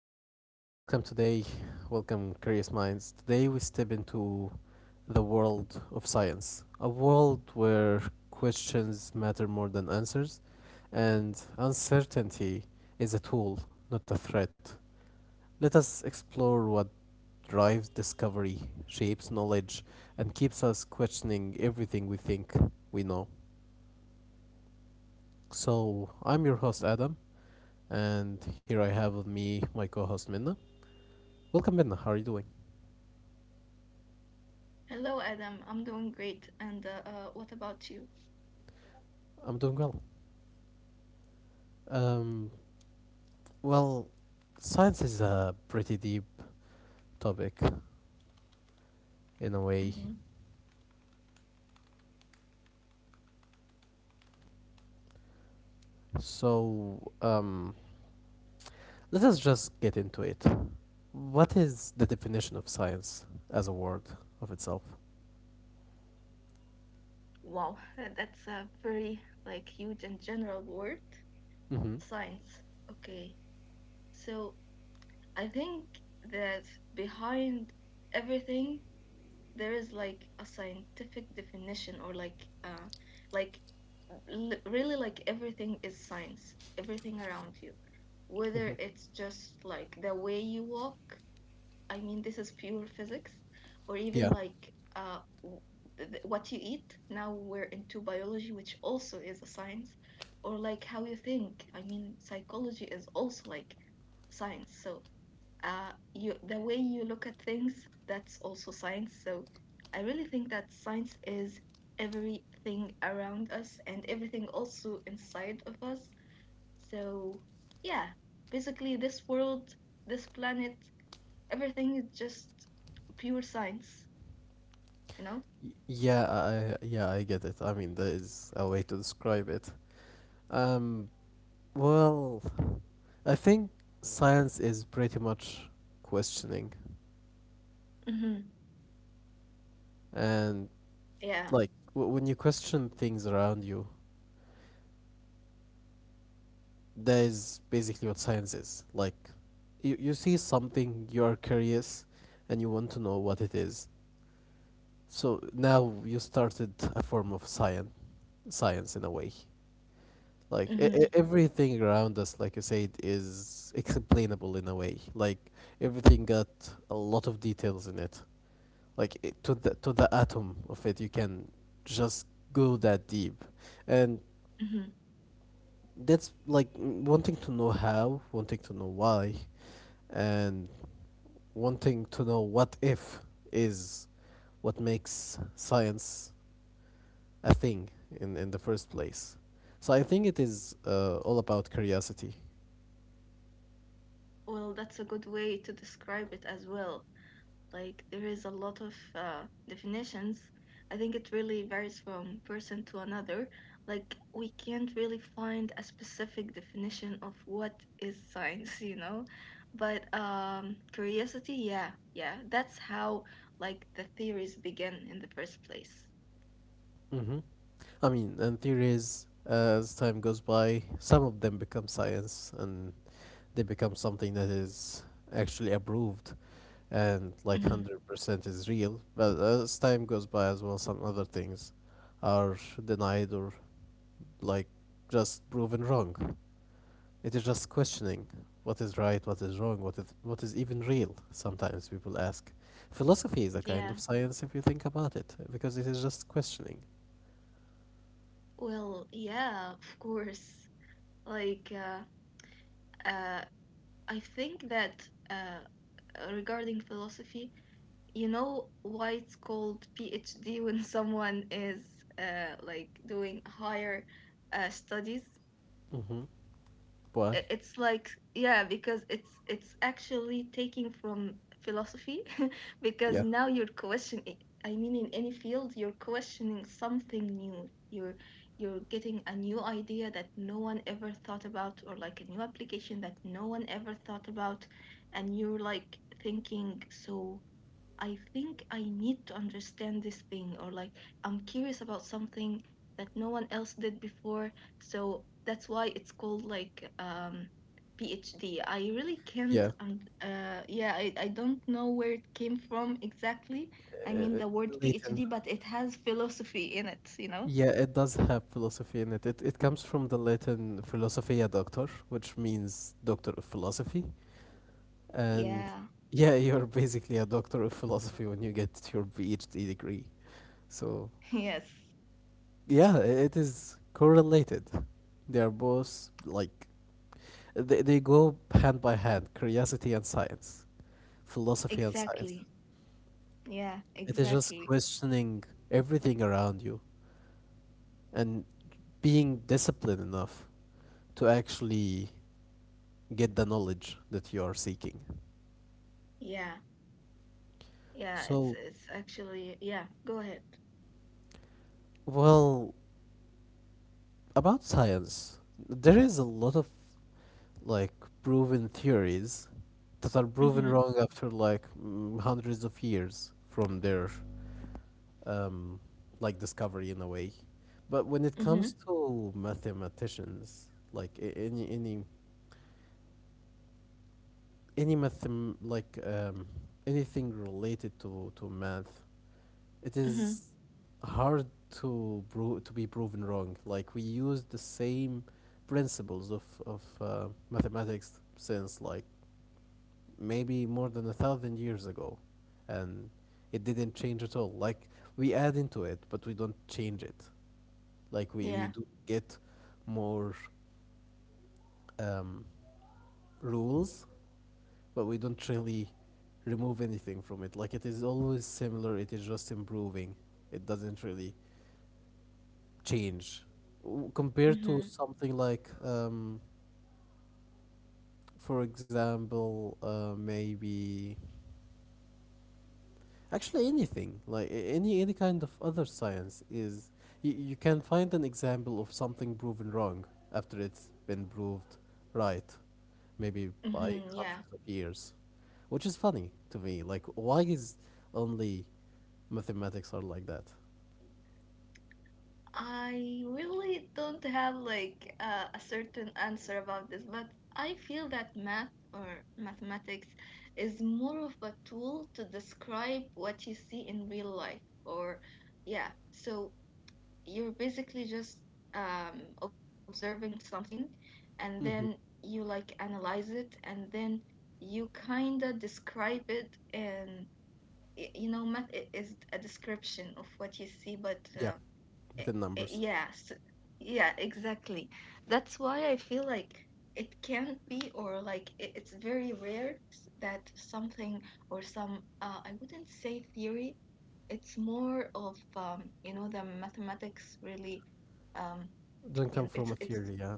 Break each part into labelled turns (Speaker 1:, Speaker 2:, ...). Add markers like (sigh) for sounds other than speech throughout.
Speaker 1: back. Welcome today. Welcome, curious minds. Today we step into the world of science, a world where questions matter more than answers, and uncertainty is a tool, not a threat. Let us explore what drives discovery, shapes knowledge, and keeps us questioning everything we think we know. So, I'm your host, Adam, and here I have with me my co host, Minna. Welcome, Minna. How are you doing?
Speaker 2: Hello, Adam. I'm doing great. And what about you?
Speaker 1: I'm doing well. Um, well, science is a pretty deep topic in a way.
Speaker 2: Hmm.
Speaker 1: So, let us just get into it. What is the definition of science as a word of itself?
Speaker 2: Wow, that's a very like huge and general word,
Speaker 1: Mm-hmm.
Speaker 2: science. Okay, so I think that behind everything there is like a scientific definition or like really like everything is science, everything around you. Whether
Speaker 1: Mm-hmm.
Speaker 2: it's just like the way you walk, I mean, this is pure physics, or even
Speaker 1: Yeah.
Speaker 2: what you eat. Now we're into biology, which also is a science, or like how you think. I mean, psychology is also like science. So you the way you look at things, that's also science. So I really think that science is everything around us and everything also inside of us, so yeah, basically this world, this planet, everything is just pure science, you know?
Speaker 1: Yeah, I get it. I mean, there is a way to describe it. Um, well, I think science is pretty much questioning,
Speaker 2: Mm-hmm.
Speaker 1: and
Speaker 2: Yeah.
Speaker 1: like when you question things around you, that is basically what science is. Like you see something, you are curious and you want to know what it is, so now you started a form of science in a way. Like
Speaker 2: Mm-hmm.
Speaker 1: everything around us, like you said, is explainable in a way. Like everything got a lot of details in it, like it, to the atom of it you can just go that deep. And
Speaker 2: Mm-hmm.
Speaker 1: that's like wanting to know how, wanting to know why, and wanting to know what if is what makes science a thing in the first place. So I think it is all about curiosity.
Speaker 2: Well, that's a good way to describe it as well. Like there is a lot of definitions. I think it really varies from person to another. Like we can't really find a specific definition of what is science, (laughs) you know? But curiosity, yeah, yeah. That's how like the theories begin in the first place.
Speaker 1: Hmm. I mean, and theories, as time goes by, some of them become science and they become something that is actually approved and like
Speaker 2: Hmm.
Speaker 1: 100% is real. But as time goes by as well, some other things are denied or like just proven wrong. It is just questioning what is right, what is wrong, what is even real, sometimes people ask. Philosophy is a kind
Speaker 2: Yeah.
Speaker 1: of science if you think about it, because it is just questioning.
Speaker 2: Well, yeah, of course. Like uh, uh, I think that regarding philosophy, you know why it's called PhD when (laughs) someone is like doing higher studies?
Speaker 1: Hmm. Why?
Speaker 2: It's like yeah, because it's actually taking from philosophy, (laughs) because
Speaker 1: Yeah,
Speaker 2: now you're questioning. I mean, in any field, you're questioning something new. You're getting a new idea that no one ever thought about, or like a new application that no one ever thought about, and you're like thinking, so I think I need to understand this thing, or like I'm curious about something that no one else did before. So that's why it's called like PhD. I really
Speaker 1: yeah.
Speaker 2: can't. Yeah, I don't know where it came from exactly. I mean,
Speaker 1: Uh,
Speaker 2: the word
Speaker 1: Latin.
Speaker 2: PhD, but it has philosophy in it, you know?
Speaker 1: Yeah, it does have philosophy in it. It comes from the Latin philosophia doctor, which means doctor of philosophy. And
Speaker 2: Yeah,
Speaker 1: yeah, (laughs) you're basically a doctor of philosophy when you get your PhD degree. So
Speaker 2: (laughs) yes,
Speaker 1: yeah, it is correlated. They are both like they go hand by hand, curiosity and science, philosophy and science.
Speaker 2: exactly. Yeah,
Speaker 1: It is just
Speaker 2: exactly.
Speaker 1: questioning everything around you and being disciplined enough to actually get the knowledge that you are seeking.
Speaker 2: Yeah, yeah, it's
Speaker 1: So,
Speaker 2: it's actually, yeah, go ahead.
Speaker 1: well, about science, there is a lot of like proven theories that are proven
Speaker 2: Mm-hmm,
Speaker 1: wrong after like hundreds of years from their um, like discovery in a way. But when it comes
Speaker 2: mm-hmm,
Speaker 1: to mathematicians, like any any mathem like anything related to math, it
Speaker 2: mm-hmm.
Speaker 1: is hard to be proven wrong. Like we use the same principles of mathematics since like maybe more than 1,000 years ago, and it didn't change at all. Like we add into it, but we don't change it. Like we
Speaker 2: Yeah.
Speaker 1: do get more um, rules, but we don't really remove anything from it. Like it is always similar. It is just improving. It doesn't really change. Compared to
Speaker 2: Mm-hmm.
Speaker 1: something like, for example, maybe Actually, anything like any kind of other science is you can find an example of something proven wrong after it's been proved right, maybe by
Speaker 2: Mm-hmm. Yeah.
Speaker 1: hundreds of years, which is funny to me. Like, why is only mathematics are like that?
Speaker 2: I really don't have a certain answer about this, but I feel that math or mathematics is more of a tool to describe what you see in real life. Or, yeah, so you're basically just observing something and then
Speaker 1: Mm-hmm.
Speaker 2: you like analyze it and then you kind of describe it in you know, math is a description of what you see, but
Speaker 1: Yeah,
Speaker 2: i-
Speaker 1: within numbers,
Speaker 2: yes, yeah, exactly. That's why I feel like it can't be or like I- it's very rare that something or some I wouldn't say theory, it's more of you know, the mathematics really um,
Speaker 1: don't
Speaker 2: you
Speaker 1: come
Speaker 2: know,
Speaker 1: from
Speaker 2: it's
Speaker 1: a
Speaker 2: it's
Speaker 1: theory. Yeah.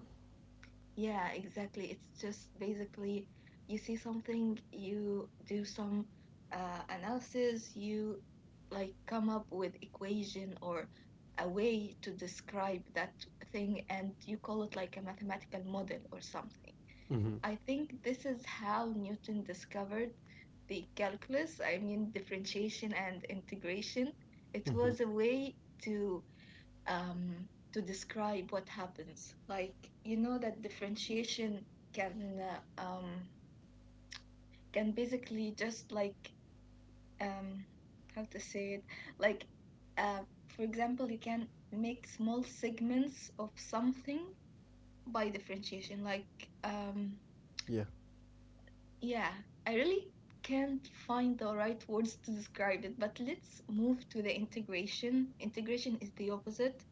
Speaker 2: yeah, exactly. It's just basically you see something, you do some analysis, you like come up with equation or a way to describe that thing, and you call it like a mathematical model or something.
Speaker 1: Mm-hmm.
Speaker 2: I think this is how Newton discovered the calculus, I mean differentiation and integration. It
Speaker 1: Mm-hmm.
Speaker 2: was a way to to describe what happens. Like you know that differentiation can uh, um, can basically just like um, how to say it, like uh, for example you can make small segments of something by differentiation um,
Speaker 1: Yeah.
Speaker 2: yeah. I really can't find the right words to describe it, but let's move to the integration. Integration is the opposite.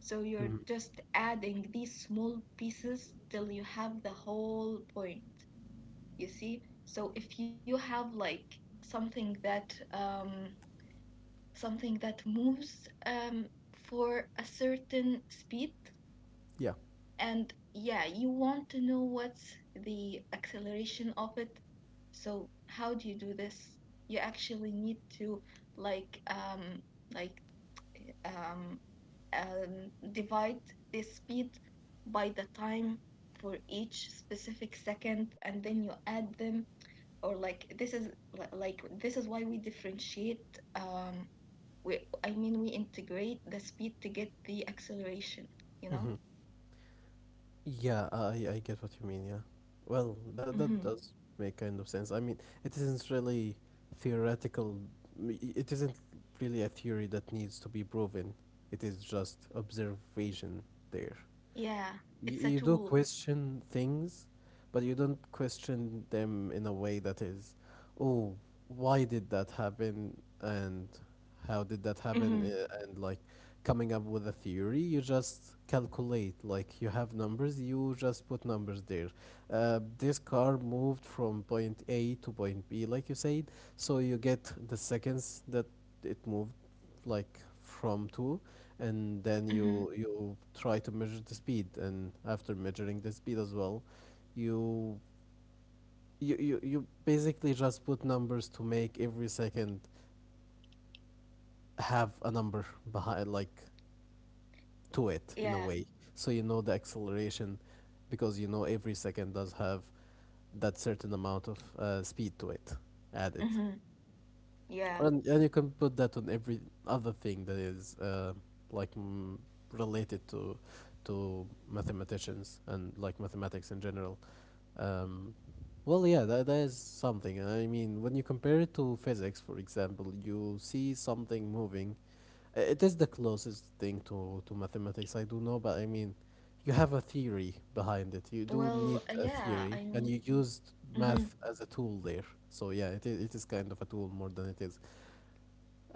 Speaker 2: So you're
Speaker 1: Mm-hmm.
Speaker 2: just adding these small pieces till you have the whole point, you see? So if you have like something that um something that moves for a certain speed,
Speaker 1: Yeah.
Speaker 2: and yeah, you want to know what's the acceleration of it. So how do you do this? You actually need to like um like um, divide the speed by the time for each specific second, and then you add them, or like this is why we differentiate, um we I mean we integrate the speed to get the acceleration, you know?
Speaker 1: Mm-hmm. Yeah, I get what you mean. Yeah, well, that
Speaker 2: Mm-hmm.
Speaker 1: does make kind of sense. I mean, it isn't really theoretical. It isn't really a theory that needs to be proven. It is just observation there.
Speaker 2: Yeah, it's a
Speaker 1: You do
Speaker 2: tool.
Speaker 1: question things, but you don't question them in a way that is, oh, why did that happen and how did that happen,
Speaker 2: Mm-hmm.
Speaker 1: and like coming up with a theory. You just calculate. Like you have numbers. You just put numbers there. This car moved from point A to point B, like you said. So you get the seconds that it moved, like from two, and then
Speaker 2: Mm-hmm.
Speaker 1: you try to measure the speed, and after measuring the speed as well you you basically just put numbers to make every second have a number behind, like to it in a
Speaker 2: Yeah,
Speaker 1: way, so you know the acceleration, because you know every second does have that certain amount of speed to it added.
Speaker 2: mm-hmm, yeah.
Speaker 1: And you can put that on every other thing that is like related to mathematicians and like mathematics in general. Um, well, yeah, that is something. I mean, when you compare it to physics, for example, you see something moving. It is the closest thing to mathematics, I do know, but I mean, you have a theory behind it. You do
Speaker 2: Well,
Speaker 1: need a
Speaker 2: yeah,
Speaker 1: theory,
Speaker 2: I
Speaker 1: and
Speaker 2: mean,
Speaker 1: you used
Speaker 2: mm-hmm,
Speaker 1: math as a tool there. So yeah, it is kind of a tool more than it is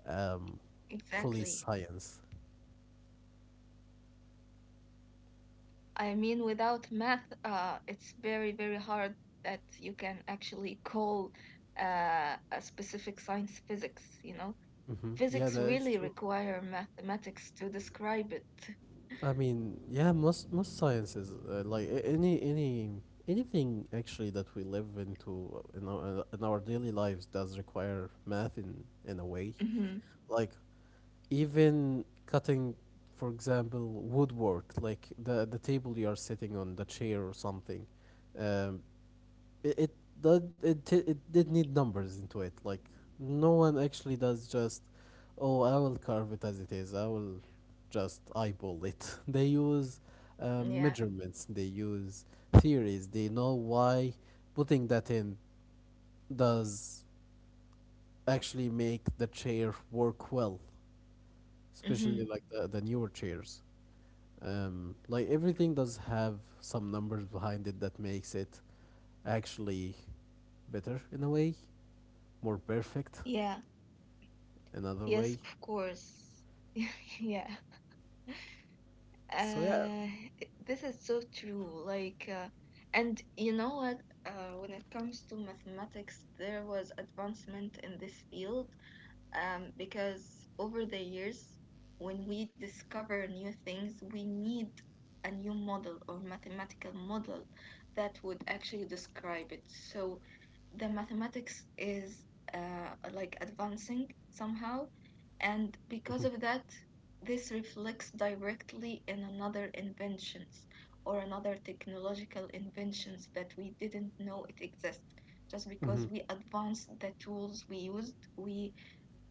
Speaker 1: um, fully
Speaker 2: exactly.
Speaker 1: science.
Speaker 2: I mean, without math, it's very, very hard that you can actually call a specific science physics, you know?
Speaker 1: Hmm. Yeah,
Speaker 2: Physics
Speaker 1: that is
Speaker 2: really
Speaker 1: true.
Speaker 2: require mathematics to describe it.
Speaker 1: I mean, yeah, most sciences, like any anything actually that we live into uh, in our daily lives does require math in a way.
Speaker 2: Mm-hmm.
Speaker 1: Like even cutting, for example, woodwork, like the table you are sitting on, the chair or something. Um, it it it did need numbers into it. Like no one actually does just, oh, I will carve it as it is, I will just eyeball it. (laughs) They use
Speaker 2: Yeah,
Speaker 1: measurements, they use theories, they know why putting that in does actually make the chair work well,
Speaker 2: mm-hmm,
Speaker 1: especially like the newer chairs. Like everything does have some numbers behind it that makes it actually better in a way, more perfect
Speaker 2: yeah,
Speaker 1: another
Speaker 2: yes,
Speaker 1: way.
Speaker 2: of course. (laughs) Yeah.
Speaker 1: So yeah.
Speaker 2: Uh, this is so true. Like, and you know what? When it comes to mathematics, there was advancement in this field, because over the years, when we discover new things, we need a new model or mathematical model that would actually describe it. So the mathematics is like advancing somehow, and
Speaker 1: Mhm.
Speaker 2: because of that, this reflects directly in another inventions or another technological inventions that we didn't know it exists, just
Speaker 1: Mhm.
Speaker 2: because we advanced the tools we used. We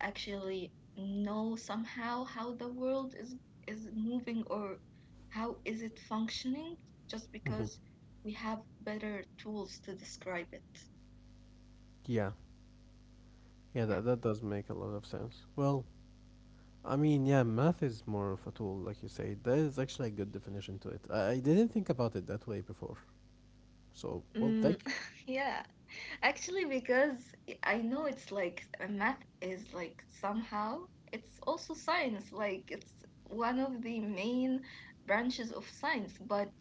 Speaker 2: actually know somehow how the world is moving or how is it functioning, just
Speaker 1: Mhm.
Speaker 2: because we have better tools to describe it.
Speaker 1: Yeah. Yeah,
Speaker 2: Yeah.
Speaker 1: that does make a lot of sense. Well, I mean, yeah, math is more of a tool, like you say. That is actually a good definition to it. I didn't think about it that way before. So, well,
Speaker 2: Mm,
Speaker 1: thank you.
Speaker 2: (laughs) yeah. Actually, because I know it's like, math is like somehow it's also science, like it's one of the main branches of science, but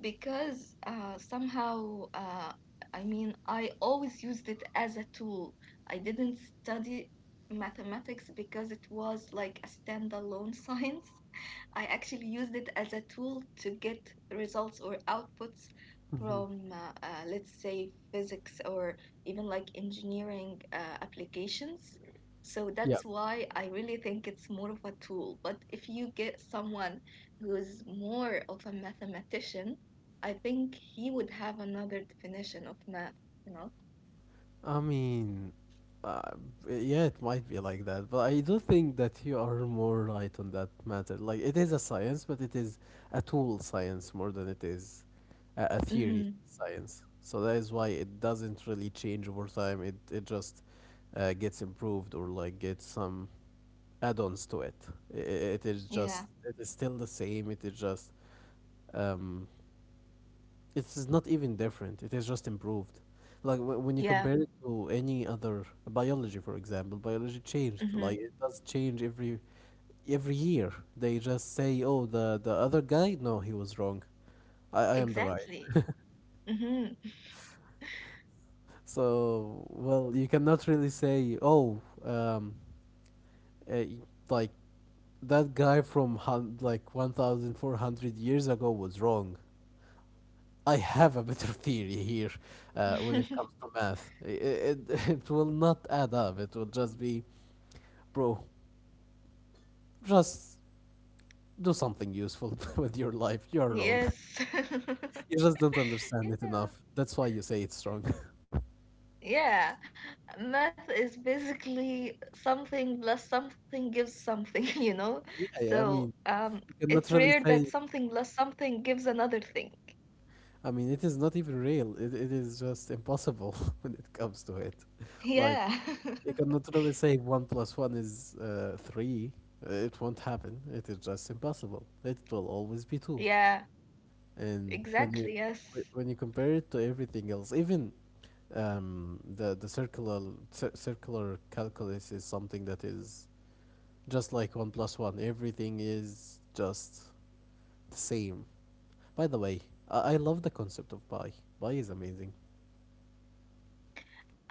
Speaker 2: because somehow, I mean, I always used it as a tool. I didn't study mathematics because it was like a standalone (laughs) science. I actually used it as a tool to get results or outputs
Speaker 1: Hmm.
Speaker 2: from, let's say, physics, or even like engineering applications. So
Speaker 1: Yeah.
Speaker 2: that's why I really think it's more of a tool. But if you get someone who's more of a mathematician, I think he would have another definition of math, you know?
Speaker 1: I mean, uh, yeah, it might be like that, but I do think that you are more right on that matter. Like, it is a science, but it is a tool science more than it is a theory
Speaker 2: Mm-hmm.
Speaker 1: science. So that is why it doesn't really change over time. It just gets improved or like gets some add-ons to it. I i- it is
Speaker 2: Yeah,
Speaker 1: just, it is still the same. It is just um it's not even different. It is just improved. Like when you
Speaker 2: yeah,
Speaker 1: compare it to any other biology, for example, biology changed.
Speaker 2: mm-hmm.
Speaker 1: Like it does change every year. They just say, "Oh, the other guy, no, he was wrong. I am the right."
Speaker 2: Exactly. Mm-hmm.
Speaker 1: So well, you cannot really say, "Oh, uh, like that guy from 1,400 years ago was wrong." I have a better theory here when it comes
Speaker 2: (laughs)
Speaker 1: to math. It, (laughs) it will not add up. It will just be, bro, just do something useful (laughs) with your life. You're wrong. (laughs)
Speaker 2: Yes. (laughs)
Speaker 1: You just don't understand it
Speaker 2: Yeah.
Speaker 1: enough. That's why you say it's wrong. (laughs)
Speaker 2: Yeah, math is basically something plus something gives something, (laughs) you know?
Speaker 1: Yeah, yeah, I
Speaker 2: So,
Speaker 1: mean, you
Speaker 2: it's
Speaker 1: cannot really
Speaker 2: rare that
Speaker 1: say.
Speaker 2: something plus something gives another thing.
Speaker 1: I mean, it is not even real. It is just impossible (laughs) when it comes to it.
Speaker 2: Yeah.
Speaker 1: Like, you
Speaker 2: (laughs)
Speaker 1: cannot really say one plus one is three. It won't happen. It is just impossible. It will always be two.
Speaker 2: Yeah,
Speaker 1: And when you
Speaker 2: exactly. Yes.
Speaker 1: when you compare it to everything else, even the circular circular calculus is something that is just like one plus one. Everything is just the same. By the way, I love the concept of pi. Pi is amazing.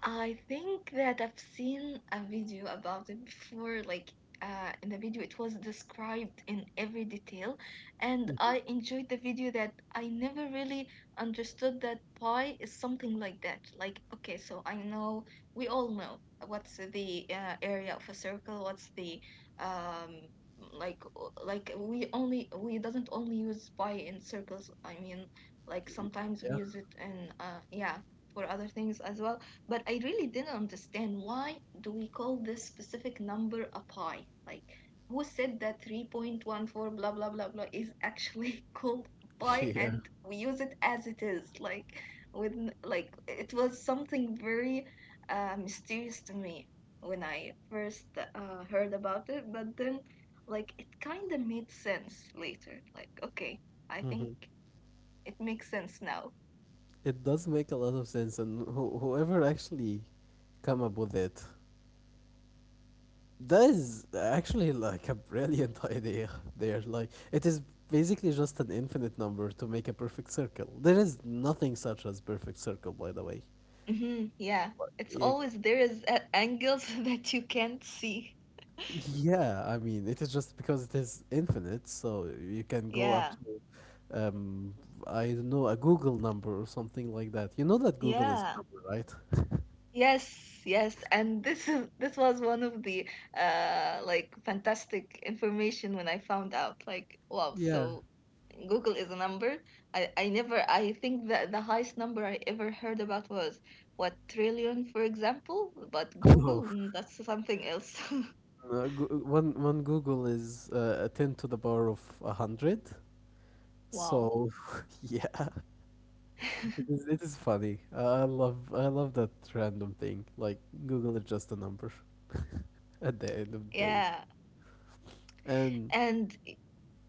Speaker 2: I think that I've seen a video about it before. Like in the video it was described in every detail, and
Speaker 1: Hmm.
Speaker 2: I enjoyed the video that I never really understood that pie is something like that. Like, okay, so I know we all know what's the area of a circle, what's the um like we doesn't only use pi in circles. I mean, like sometimes we
Speaker 1: Yeah,
Speaker 2: use it in yeah, for other things as well, but I really didn't understand, why do we call this specific number a pi? Like, who said that 3.14 blah blah blah blah is actually (laughs) called
Speaker 1: (laughs)
Speaker 2: pi
Speaker 1: yeah.
Speaker 2: and we use it as it is? Like, with like it was something very mysterious to me when I first heard about it, but then like it kind of made sense later. Like, okay, I
Speaker 1: Hmm.
Speaker 2: think it makes sense now.
Speaker 1: It does make a lot of sense, and whoever actually come up with it, that is actually like a brilliant (laughs) idea there. Like, it is basically just an infinite number to make a perfect circle. There is nothing such as perfect circle, by the way.
Speaker 2: Hmm. Yeah,
Speaker 1: Like,
Speaker 2: it's
Speaker 1: yeah,
Speaker 2: always there is at angles (laughs) that you can't see.
Speaker 1: yeah, I mean, it is just because it is infinite, so you can go up
Speaker 2: Yeah,
Speaker 1: to, um, I don't know, a Google number or something like that. You know that Google is a
Speaker 2: yeah,
Speaker 1: number, right? (laughs)
Speaker 2: yes, yes. And this was one of the like fantastic information when I found out. Like, wow,
Speaker 1: Yeah.
Speaker 2: so Google is a number. I never I think that the highest number I ever heard about was, what, trillion, for example. But
Speaker 1: Oh.
Speaker 2: Google, that's something else.
Speaker 1: One Google is a 10 to the power of 100.
Speaker 2: (laughs) Wow.
Speaker 1: So (laughs) yeah,
Speaker 2: (laughs)
Speaker 1: it is funny. I love that random thing. Like Google is just a number (laughs) at the end of the day.
Speaker 2: Yeah.
Speaker 1: And
Speaker 2: And,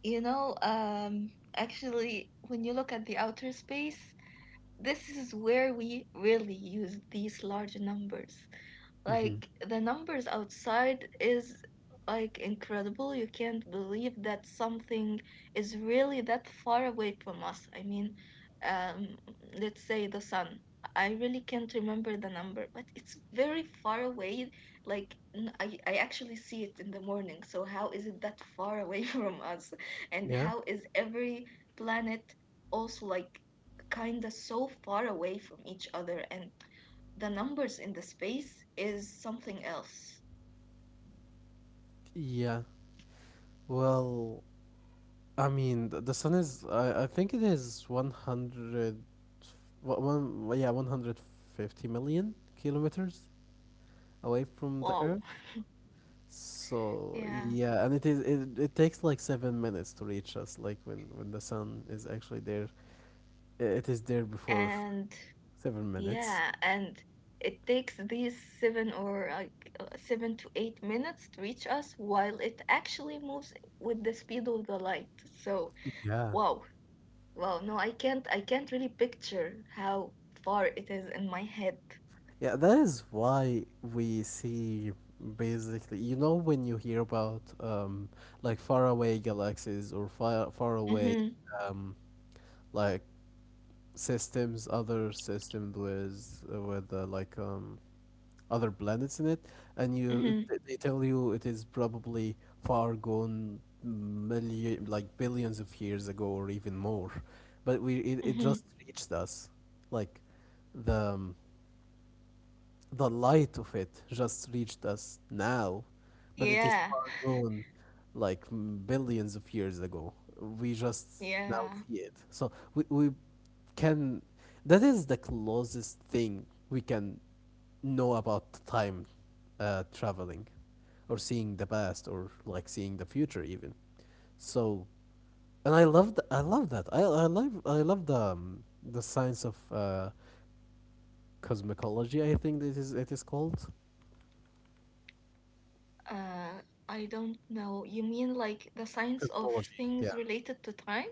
Speaker 2: You know, um, actually, when you look at the outer space, this is where we really use these large numbers.
Speaker 1: Mhm.
Speaker 2: Like, the numbers outside is like incredible. You can't believe that something is really that far away from us. I mean, um, let's say the sun. I really can't remember the number, but it's very far away. Like I actually see it in the morning. So how is it that far away (laughs) from us? And
Speaker 1: yeah,
Speaker 2: how is every planet also like kind of so far away from each other, and the numbers in the space is something else.
Speaker 1: yeah. Well, I mean, the sun is, I think it is 100 150 million kilometers away from
Speaker 2: Wow.
Speaker 1: the Earth. So
Speaker 2: Yeah.
Speaker 1: yeah, and it takes like 7 minutes to reach us. Like, when the sun is actually there, it is there before
Speaker 2: And
Speaker 1: 7 minutes.
Speaker 2: yeah, and it takes these 7 or like 7 to 8 minutes to reach us while it actually moves with the speed of the light. So,
Speaker 1: Yeah,
Speaker 2: wow. Wow, no, I can't really picture how far it is in my head.
Speaker 1: yeah. That is why we see, basically. You know when you hear about like faraway galaxies or far far away,
Speaker 2: Mhm.
Speaker 1: um like systems, other systems with like other planets in it, and you
Speaker 2: Mhm.
Speaker 1: they tell you it is probably far gone, million like billions of years ago or even more, but it
Speaker 2: Mhm.
Speaker 1: just reached us, like the um, the light of it just reached us now, but it is
Speaker 2: Yeah.
Speaker 1: far
Speaker 2: (laughs)
Speaker 1: gone, like billions of years ago. We just now
Speaker 2: Yeah.
Speaker 1: see it. So, we can, that is the closest thing we can know about time, traveling, or seeing the past, or like seeing the future even. So, and I love that. I love the science of cosmicology, I think this is, it is called
Speaker 2: Uh, I don't know. You mean like the science of
Speaker 1: cosmology.
Speaker 2: things
Speaker 1: Yeah,
Speaker 2: related to time?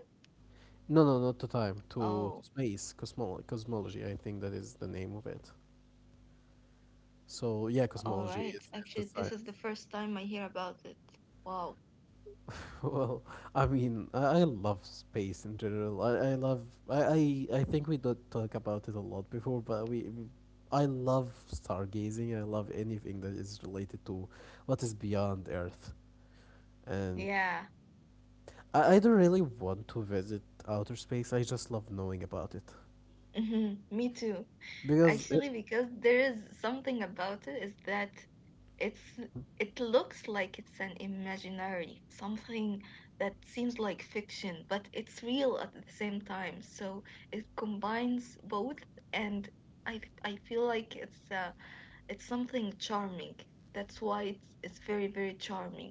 Speaker 1: no, no, not to time, to,
Speaker 2: Oh,
Speaker 1: space. Cosmology, I think that is the name of it. So yeah,
Speaker 2: all
Speaker 1: cosmology
Speaker 2: right.
Speaker 1: is the
Speaker 2: Actually, this
Speaker 1: science.
Speaker 2: is the first time I hear about it. Wow.
Speaker 1: (laughs) Well, I mean, I love space in general. I, I love I, I i think we don't talk about it a lot before, but I love stargazing. I love anything that is related to what is beyond Earth, and
Speaker 2: Yeah.
Speaker 1: I don't really want to visit outer space. I just love knowing about it
Speaker 2: Hmm. Me too.
Speaker 1: because
Speaker 2: Actually, because there is something about it is that it's it looks like it's an imaginary, something that seems like fiction, but it's real at the same time. So it combines both, and I feel like it's something charming. That's why it's very, very charming.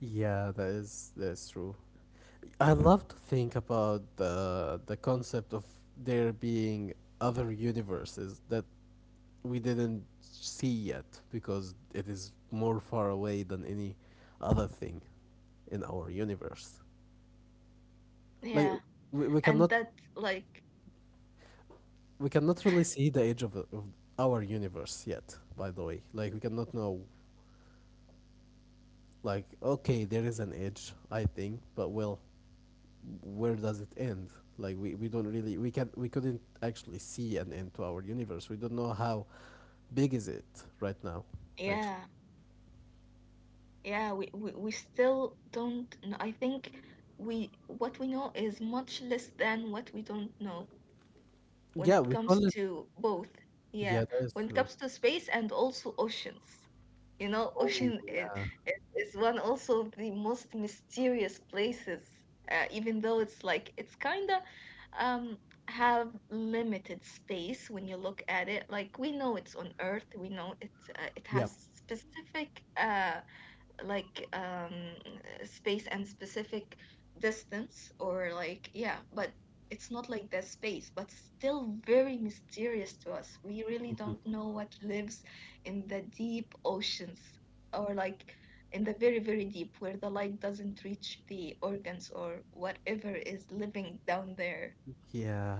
Speaker 1: yeah, that's true. I love to think about the concept of there being other universes that we didn't see yet because it is more far away than any other thing in our universe.
Speaker 2: Yeah,
Speaker 1: Like, we, we
Speaker 2: and
Speaker 1: cannot
Speaker 2: that like
Speaker 1: we cannot really see the edge of our universe yet. By the way, like, we cannot know. Like, okay, there is an edge, I think, but, well, where does it end? Like, we don't really we can we couldn't actually see an end to our universe. We don't know how big is it right now. Actually,
Speaker 2: yeah, yeah, we still don't know. I think we what we know is much less than what we don't know when
Speaker 1: yeah,
Speaker 2: it
Speaker 1: we
Speaker 2: comes
Speaker 1: call it.
Speaker 2: to both. Yeah,
Speaker 1: Yeah, that is
Speaker 2: when it
Speaker 1: true.
Speaker 2: comes to space and also oceans. (laughs)
Speaker 1: Oh
Speaker 2: Ocean is,
Speaker 1: yeah.
Speaker 2: is one also of the most mysterious places, even though it's like it's kind of um, have limited space when you look at it. Like, we know it's on Earth, we know it
Speaker 1: Yeah.
Speaker 2: has specific like space and specific distance, or like, yeah, but it's not like that space, but still very mysterious to us. We really
Speaker 1: Mhm.
Speaker 2: don't know what lives in the deep oceans, or like in the very very deep where the light doesn't reach the organs or whatever is living down there.
Speaker 1: Yeah.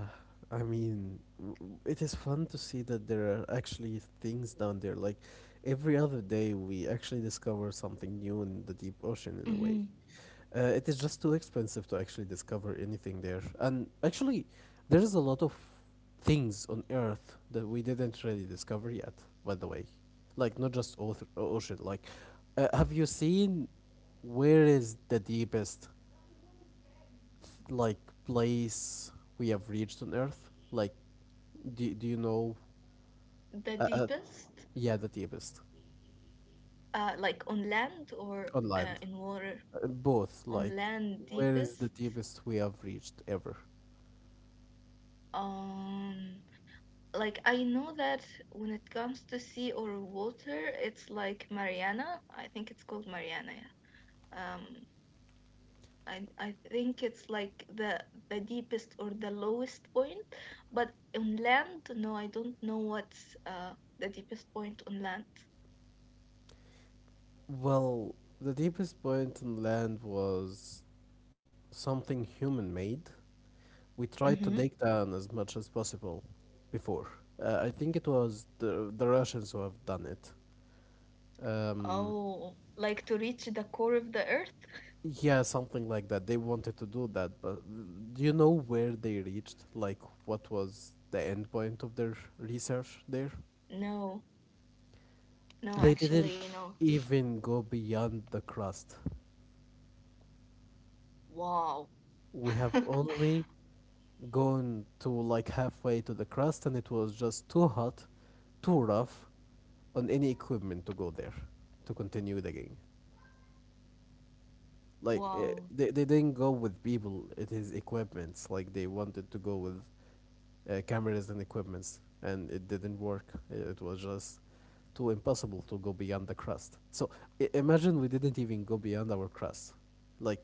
Speaker 1: I mean, it is fun to see that there are actually things down there. Like, every other day, we actually discover something new in the deep ocean, in a way.
Speaker 2: Mhm.
Speaker 1: It is just too expensive to actually discover anything there. And actually, there is a lot of things on Earth that we didn't really discover yet, by the way. Like, not just ocean. Like, have you seen where is the deepest, like, place we have reached on Earth? Like, do you know?
Speaker 2: The
Speaker 1: Uh, uh,
Speaker 2: deepest,
Speaker 1: yeah, the deepest.
Speaker 2: like on land, or
Speaker 1: On land.
Speaker 2: in water?
Speaker 1: Both.
Speaker 2: On
Speaker 1: Like,
Speaker 2: land,
Speaker 1: where is the
Speaker 2: deepest.
Speaker 1: deepest we have reached ever?
Speaker 2: um Like, I know that when it comes to sea or water, it's like Mariana. I think it's called Mariana. Yeah. I think it's like the deepest or the lowest point. But on land, no, I don't know what's the deepest point on land.
Speaker 1: Well, the deepest point on land was something human made. We tried to
Speaker 2: Mm-hmm.
Speaker 1: dig down as much as possible before. I think it was the Russians who have done it. Um,
Speaker 2: Oh, like to reach the core of the earth?
Speaker 1: yeah, something like that. They wanted to do that, but do you know where they reached? Like, what was the end point of their research there?
Speaker 2: No, no,
Speaker 1: They didn't
Speaker 2: actually, no.
Speaker 1: even go beyond the crust.
Speaker 2: Wow.
Speaker 1: We have
Speaker 2: (laughs)
Speaker 1: only gone to like halfway to the crust, and it was just too hot, too rough on any equipment to go there to continue digging. Like, eh,
Speaker 2: Wow.
Speaker 1: they, they didn't go with people, it is equipments. Like, they wanted to go with cameras and equipments, and it didn't work. It was just too impossible to go beyond the crust. So, imagine we didn't even go beyond our crust. Like,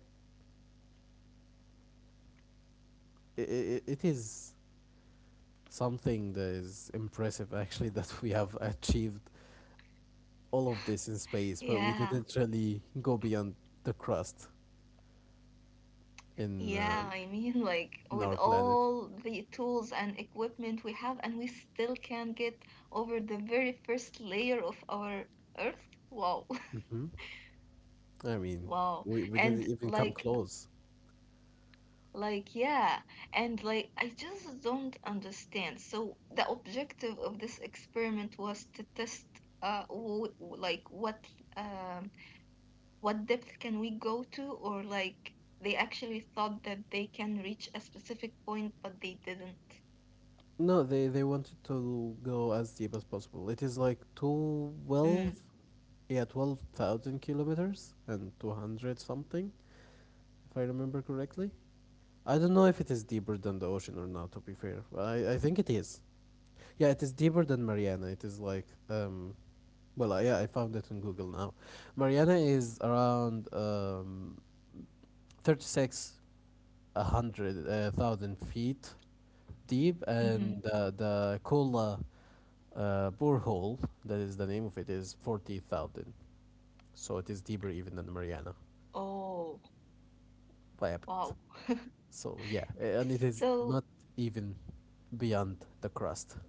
Speaker 1: it is something that is impressive, actually, (laughs) that we have achieved all of this in space, but we
Speaker 2: Yeah.
Speaker 1: didn't really go beyond the crust, in,
Speaker 2: Yeah,
Speaker 1: um,
Speaker 2: I mean, like
Speaker 1: in
Speaker 2: with
Speaker 1: our planet.
Speaker 2: all the tools and equipment we have, and we still can't get over the very first layer of our Earth. Wow, (laughs)
Speaker 1: Hmm. I mean,
Speaker 2: wow.
Speaker 1: we didn't
Speaker 2: And
Speaker 1: even come
Speaker 2: like,
Speaker 1: close.
Speaker 2: yeah, and like, I just don't understand. So, the objective of this experiment was to test, w like um, what depth can we go to, or like they actually thought that they can reach a specific point, but they didn't.
Speaker 1: No, they wanted to go as deep as possible. It is like 12,
Speaker 2: Hmm.
Speaker 1: yeah, 12,000 kilometers and 200 something, if I remember correctly. I don't know if it is deeper than the ocean or not, to be fair. I think it is. Yeah, it is deeper than Mariana. It is like, well, yeah, I found it in Google now. Mariana is around, 36, hundred thousand feet deep, and,
Speaker 2: Mm-hmm.
Speaker 1: the Kola, borehole, that is the name of it, is 40,000. So it is deeper even than Mariana
Speaker 2: Oh,
Speaker 1: by a
Speaker 2: wow.
Speaker 1: bit.
Speaker 2: (laughs)
Speaker 1: So yeah, and it is
Speaker 2: So,
Speaker 1: not even beyond the crust.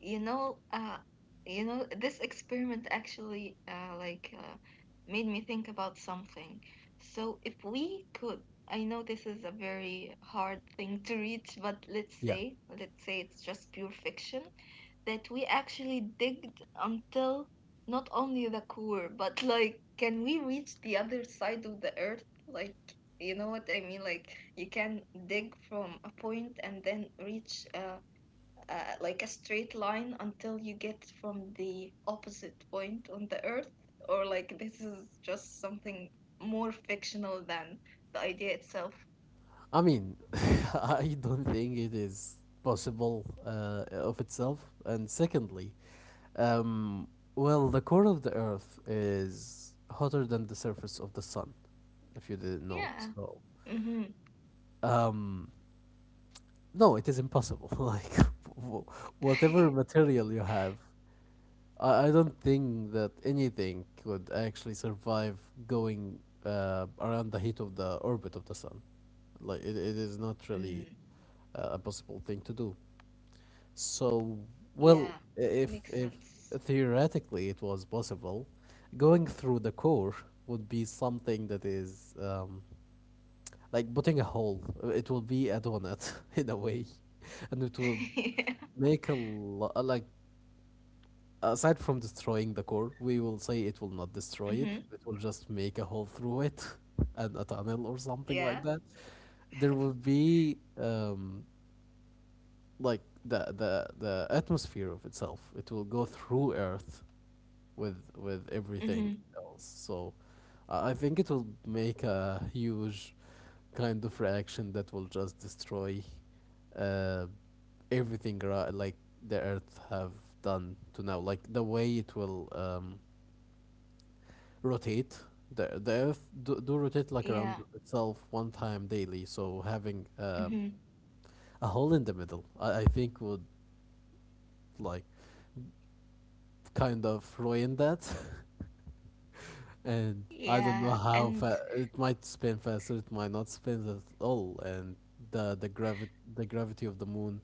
Speaker 2: You know, uh, you know, this experiment actually like made me think about something. So if we could, I know this is a very hard thing to reach, but let's
Speaker 1: Yeah.
Speaker 2: say, it's just pure fiction, that we actually digged until not only the core, but like, can we reach the other side of the earth? Like, you know what I mean? Like, you can dig from a point and then reach like a straight line until you get from the opposite point on the earth, or like this is just something more fictional than the idea itself.
Speaker 1: I mean, (laughs) I don't think it is possible, of itself. And secondly, um, well, the core of the Earth is hotter than the surface of the sun, if you didn't know.
Speaker 2: Yeah.
Speaker 1: So,
Speaker 2: Mm-hmm.
Speaker 1: um, no, it is impossible. (laughs) Like, wh- whatever material you have, I don't think that anything could actually survive going, around the heat of the orbit of the sun. Like, it is not
Speaker 2: (laughs)
Speaker 1: really,
Speaker 2: Mm,
Speaker 1: a possible thing to do. So, well,
Speaker 2: yeah,
Speaker 1: if
Speaker 2: makes sense.
Speaker 1: theoretically it was possible, going through the core would be something that is, like, putting a hole. It will be a donut (laughs) in a way, and it will
Speaker 2: (laughs) Yeah.
Speaker 1: make a lot. Like, aside from destroying the core, we will say it will not destroy it.
Speaker 2: Mm-hmm.
Speaker 1: It will just make a hole through it, (laughs) and a tunnel or something like
Speaker 2: Yeah.
Speaker 1: that. There will be, like, the atmosphere of itself. It will go through Earth with everything
Speaker 2: Mm-hmm.
Speaker 1: else. So, I think it will make a huge kind of reaction that will just destroy, uh, everything, like the Earth have done to now. Like, the way it will, rotate. The Earth do rotate like
Speaker 2: Yeah.
Speaker 1: around itself one time daily. So, having,
Speaker 2: Mm-hmm.
Speaker 1: a hole in the middle, I think would like kind of ruin that. (laughs) And I don't
Speaker 2: Yeah.
Speaker 1: know,
Speaker 2: And
Speaker 1: it might spin faster, it might not spin at all, and the gravity of the moon,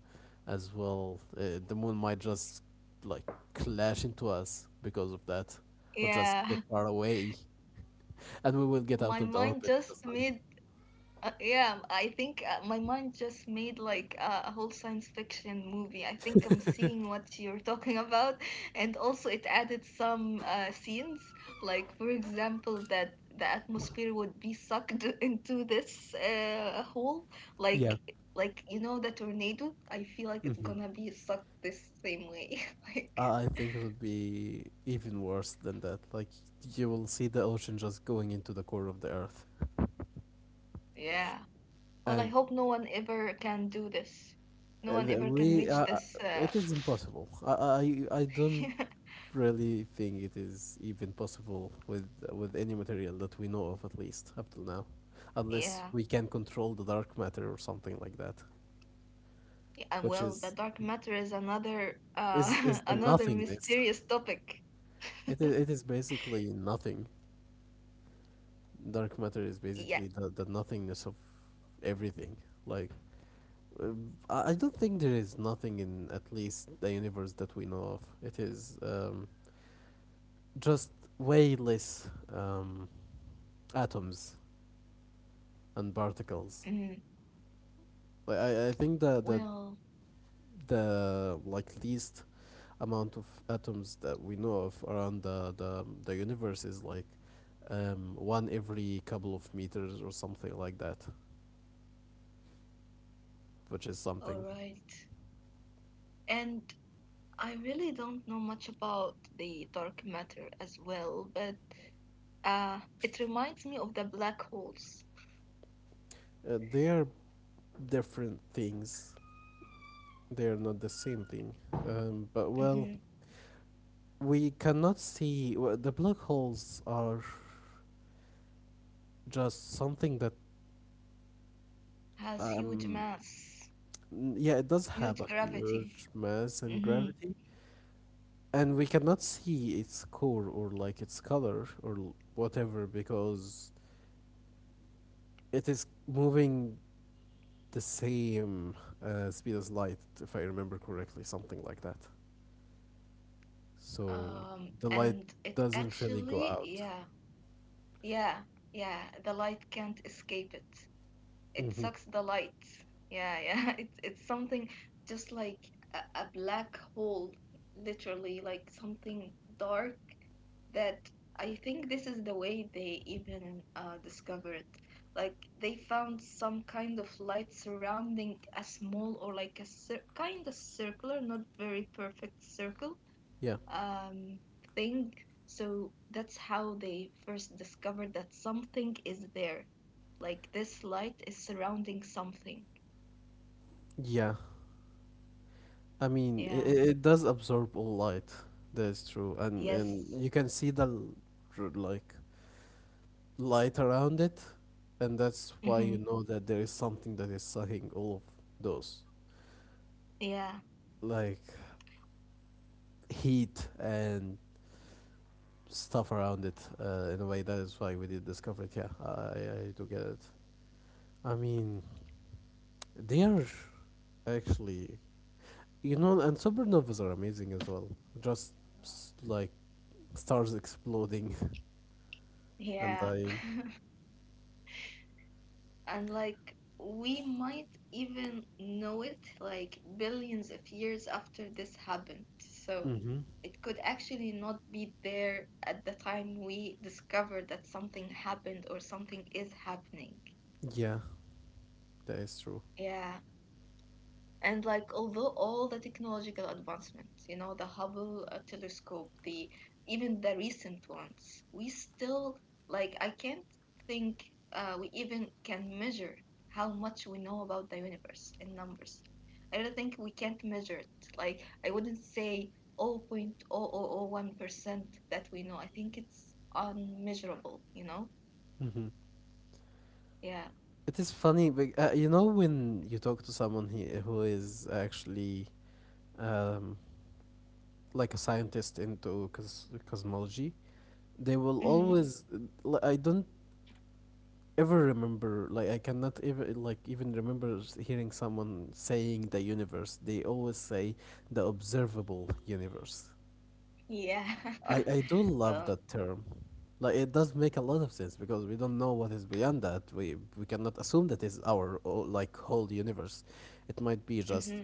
Speaker 1: as well, the moon might just like clash into us because of that, or just
Speaker 2: yeah.
Speaker 1: get far away, and we will
Speaker 2: (laughs)
Speaker 1: get
Speaker 2: my
Speaker 1: out of the
Speaker 2: mind
Speaker 1: orbit
Speaker 2: just
Speaker 1: of the sun.
Speaker 2: made yeah, I think my mind just made like a whole science fiction movie. I think I'm seeing what you're (laughs) talking about, and also it added some scenes, like, for example, that the atmosphere would be sucked (laughs) into this hole, like
Speaker 1: Yeah.
Speaker 2: like you know the tornado. I feel like it's
Speaker 1: hmm
Speaker 2: gonna be sucked this same way. (laughs) Like,
Speaker 1: I think it would be even worse than that. Like, you will see the ocean just going into the core of the Earth,
Speaker 2: yeah. Well, I
Speaker 1: and,
Speaker 2: hope no one ever can do this. No
Speaker 1: Uh,
Speaker 2: one
Speaker 1: the-
Speaker 2: ever can
Speaker 1: We, uh,
Speaker 2: reach
Speaker 1: uh,
Speaker 2: this.
Speaker 1: it is impossible. I don't really think it is even possible with any material that we know of, at least up till now,
Speaker 2: (laughs)
Speaker 1: unless
Speaker 2: Yeah.
Speaker 1: we can control the dark matter or something like that,
Speaker 2: And
Speaker 1: which
Speaker 2: well, the
Speaker 1: is
Speaker 2: dark matter is another
Speaker 1: is is
Speaker 2: (laughs)
Speaker 1: the
Speaker 2: another
Speaker 1: nothingness.
Speaker 2: mysterious topic.
Speaker 1: It is,
Speaker 2: (laughs)
Speaker 1: it is basically nothing. Dark matter is
Speaker 2: Yeah.
Speaker 1: basically the nothingness of everything. Like, I don't think there is nothing in at least the universe that we know of. It is, just way less, atoms and particles.
Speaker 2: Mm.
Speaker 1: Like, I think that the
Speaker 2: Well,
Speaker 1: the like least amount of atoms that we know of around the universe is like, one every couple of meters or something like that, which is
Speaker 2: all
Speaker 1: something.
Speaker 2: right. And I really don't know much about the dark matter as well, but it reminds me of the black holes.
Speaker 1: They are different things. They are not the same thing. But, well,
Speaker 2: Hmm.
Speaker 1: we cannot see. W The black holes are just something that,
Speaker 2: Has huge
Speaker 1: um
Speaker 2: mass,
Speaker 1: Mm, yeah, it does have
Speaker 2: huge
Speaker 1: a
Speaker 2: gravity.
Speaker 1: huge mass and
Speaker 2: Hmm.
Speaker 1: gravity, and we cannot see its core or like its color or whatever, because it is moving the same, speed as light, if I remember correctly, something like that. So the light
Speaker 2: And it
Speaker 1: doesn't really go
Speaker 2: actually,
Speaker 1: out.
Speaker 2: yeah, yeah, yeah, the light can't escape it. It
Speaker 1: Hmm.
Speaker 2: sucks the light. Yeah, yeah. (laughs) It's something, just like a black hole, literally like something dark, that I think this is the way they even discovered. Like, they found some kind of light surrounding a small, or like a kind of circular, not very perfect circle,
Speaker 1: Yeah,
Speaker 2: um, thing. So that's how they first discovered that something is there. Like, this light is surrounding something.
Speaker 1: yeah. I mean, it,
Speaker 2: Yeah.
Speaker 1: it does absorb all light. That is true, and you
Speaker 2: Yes.
Speaker 1: can see the, like, light around it, and that's why you
Speaker 2: Mm-hmm.
Speaker 1: know that there is something that is sucking all of those,
Speaker 2: Yeah.
Speaker 1: like heat and stuff around it. In a way, that is why we did discover it. Yeah, I do get it. I mean, they are actually, and supernovas are amazing as well. Just, like, stars exploding (laughs) and
Speaker 2: Yeah.
Speaker 1: dying.
Speaker 2: (laughs) And like, we might even know it like billions of years after this happened. So
Speaker 1: Hmm.
Speaker 2: it could actually not be there at the time we discovered that something happened or something is happening.
Speaker 1: Yeah, that is true.
Speaker 2: Yeah. And like, although all the technological advancements, you know, the Hubble telescope, the even the recent ones, we still, like, I can't think, we even can measure how much we know about the universe in numbers. I don't think we can't measure it. Like, I wouldn't say 0.0001% that we know. I think it's unmeasurable, you know?
Speaker 1: Hmm.
Speaker 2: Yeah.
Speaker 1: It is funny, but, you know, when you talk to someone, who is actually, um, like, a scientist into cosmology, they will
Speaker 2: Mm-hmm.
Speaker 1: always. I don't ever remember, like, I cannot ever, like, even remember hearing someone saying the universe. They always say the observable universe.
Speaker 2: Yeah.
Speaker 1: I
Speaker 2: (laughs)
Speaker 1: do love
Speaker 2: Well,
Speaker 1: that term. Like, it does make a lot of sense because we don't know what is beyond that. We cannot assume that is our, like, whole universe. It might be
Speaker 2: mm-hmm.
Speaker 1: just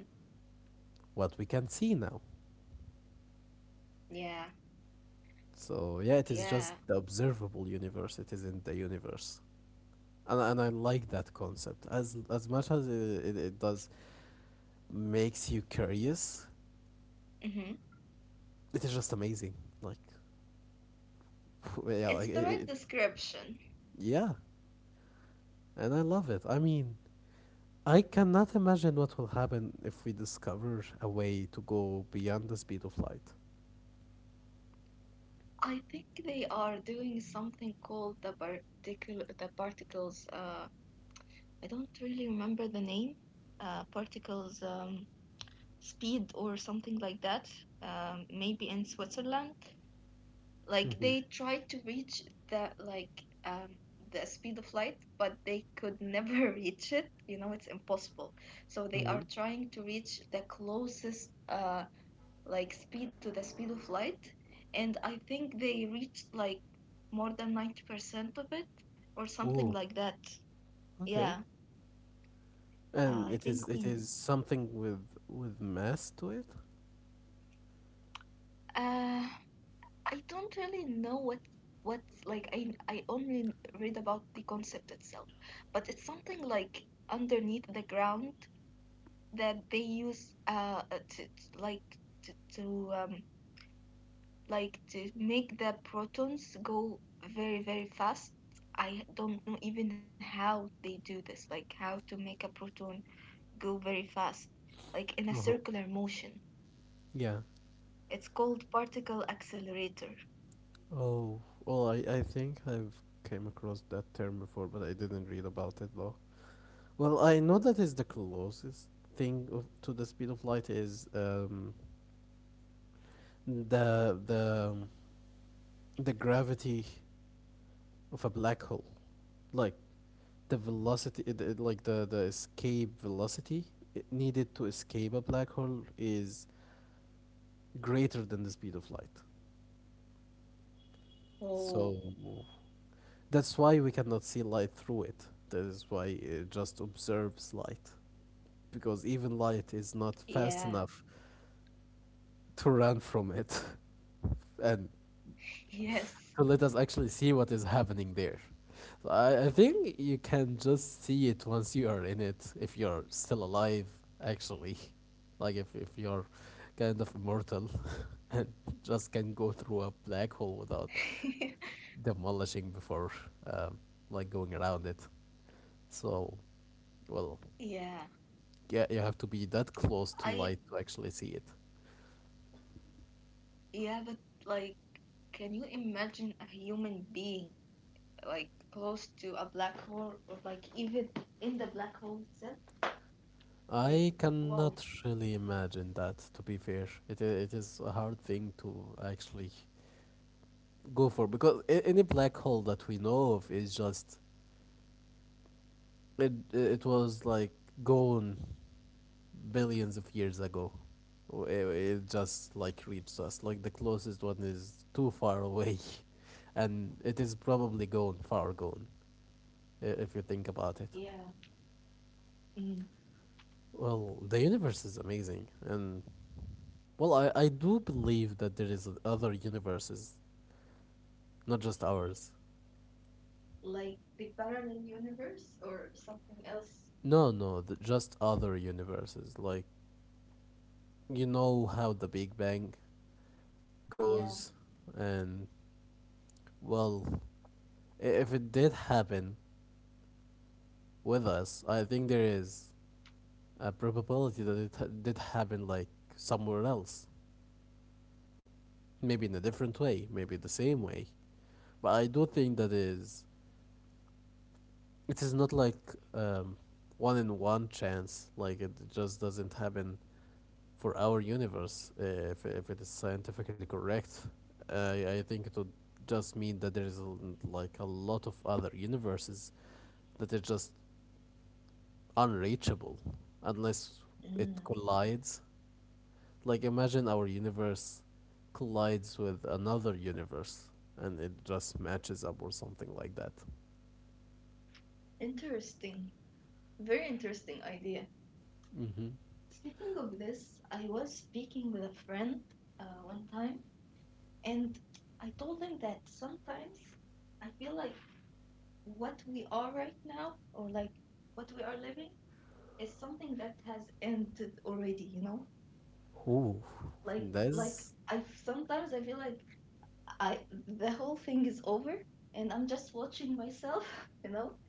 Speaker 1: what we can see now.
Speaker 2: Yeah.
Speaker 1: So yeah, it is
Speaker 2: Yeah.
Speaker 1: just the observable universe. It isn't the universe. And I like that concept, as much as it does makes you curious.
Speaker 2: Mm-hmm.
Speaker 1: It is just amazing. Like (laughs) yeah,
Speaker 2: It's the right description.
Speaker 1: yeah, and I love it. I mean. I cannot imagine what will happen if we discover a way to go beyond the speed of light.
Speaker 2: I think they are doing something called the particles, I don't really remember the name. Particles speed, or something like that. Maybe in Switzerland. Like,
Speaker 1: Mm-hmm.
Speaker 2: they tried to reach the like um the speed of light, but they could never (laughs) reach it. You know, it's impossible. So they
Speaker 1: Mm-hmm.
Speaker 2: are trying to reach the closest like speed to the speed of light, and I think they reached like more than 90% of it or something
Speaker 1: Oh.
Speaker 2: like that.
Speaker 1: Okay.
Speaker 2: Yeah.
Speaker 1: And
Speaker 2: I
Speaker 1: it is
Speaker 2: think
Speaker 1: it
Speaker 2: we
Speaker 1: is something with mass to it?
Speaker 2: uh I don't really know what, like I only read about the concept itself, but it's something like underneath the ground that they use like to like to make the protons go very very fast. I don't know even how they do this, like how to make a proton go very fast, like in a
Speaker 1: Uh-huh.
Speaker 2: circular motion.
Speaker 1: Yeah.
Speaker 2: It's called particle accelerator.
Speaker 1: Oh, well, I think I've came across that term before, but I didn't read about it though. Well, I know that is the closest thing of, to the speed of light is, the the the gravity of a black hole. Like the velocity, like the escape velocity it needed to escape a black hole is greater than the speed of light,
Speaker 2: Oh,
Speaker 1: so that's why we cannot see light through it. That is why it just observes light, because even light is not
Speaker 2: yeah,
Speaker 1: fast enough to run from it, (laughs) and
Speaker 2: yes.
Speaker 1: to let us actually see what is happening there. So I think you can just see it once you are in it, if you're still alive, actually. (laughs) Like if you're kind of immortal (laughs) and just can go through a black hole without
Speaker 2: (laughs)
Speaker 1: demolishing before, um, like going around it. So, well,
Speaker 2: Yeah.
Speaker 1: yeah, you have to be that close to
Speaker 2: I
Speaker 1: light to actually see it.
Speaker 2: Yeah, but like, can you imagine a human being like close to a black hole, or like even in the black hole itself? Like,
Speaker 1: I
Speaker 2: wow.
Speaker 1: cannot really imagine that, to be fair. It is a hard thing to actually go for, because any black hole that we know of is just, it was like gone billions of years ago. It just like reached us. Like the closest one is too far away, (laughs) and it is probably gone, far gone, if you think about it.
Speaker 2: Yeah. Mm.
Speaker 1: Well, the universe is amazing, and, well, I do believe that there is other universes, not just ours.
Speaker 2: Like the parallel universe or something else.
Speaker 1: No, no, just other universes. Like, you know how the Big Bang
Speaker 2: Yeah.
Speaker 1: goes, and, well, if it did happen with us, I think there is a probability that it did happen, like, somewhere else. Maybe in a different way, maybe the same way. But I do think that is. It is not like, um, one in one chance, like, it just doesn't happen for our universe, if it is scientifically correct, I think it would just mean that there is like a lot of other universes that are just unreachable, unless it
Speaker 2: Mm.
Speaker 1: collides. Like imagine our universe collides with another universe and it just matches up or something like that.
Speaker 2: Interesting. Very interesting idea.
Speaker 1: Mm-hmm.
Speaker 2: Speaking of this, I was speaking with a friend one time, and I told him that sometimes I feel like what we are right now, or like what we are living, is something that has ended already. You know,
Speaker 1: Ooh,
Speaker 2: like
Speaker 1: that's
Speaker 2: I sometimes I feel like I the whole thing is over, and I'm just watching myself. (laughs) You know,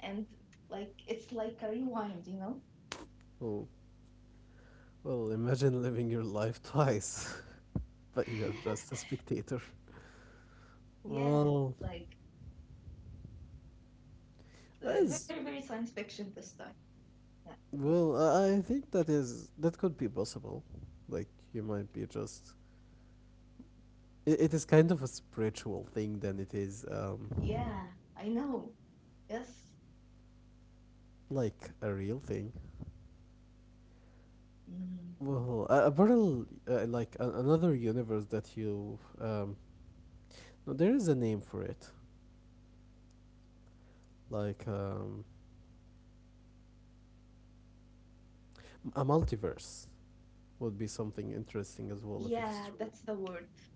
Speaker 2: and like it's like a rewind, you know.
Speaker 1: oh, well. Imagine living your life twice, (laughs) but you're just a
Speaker 2: (laughs)
Speaker 1: spectator.
Speaker 2: Yeah,
Speaker 1: Well,
Speaker 2: like,
Speaker 1: That
Speaker 2: very
Speaker 1: is
Speaker 2: very science fiction this time. Yeah,
Speaker 1: well. I think that could be possible. Like you might be just. It is kind of a spiritual thing than it is,
Speaker 2: yeah, I know. Yes.
Speaker 1: like a real thing.
Speaker 2: Mm.
Speaker 1: Well, a, parallel, like another universe that you no, there is a name for it. Like, a multiverse would be something
Speaker 2: Yeah,
Speaker 1: interesting
Speaker 2: that's
Speaker 1: as
Speaker 2: the
Speaker 1: well if
Speaker 2: word.
Speaker 1: it is true.
Speaker 2: Hmm.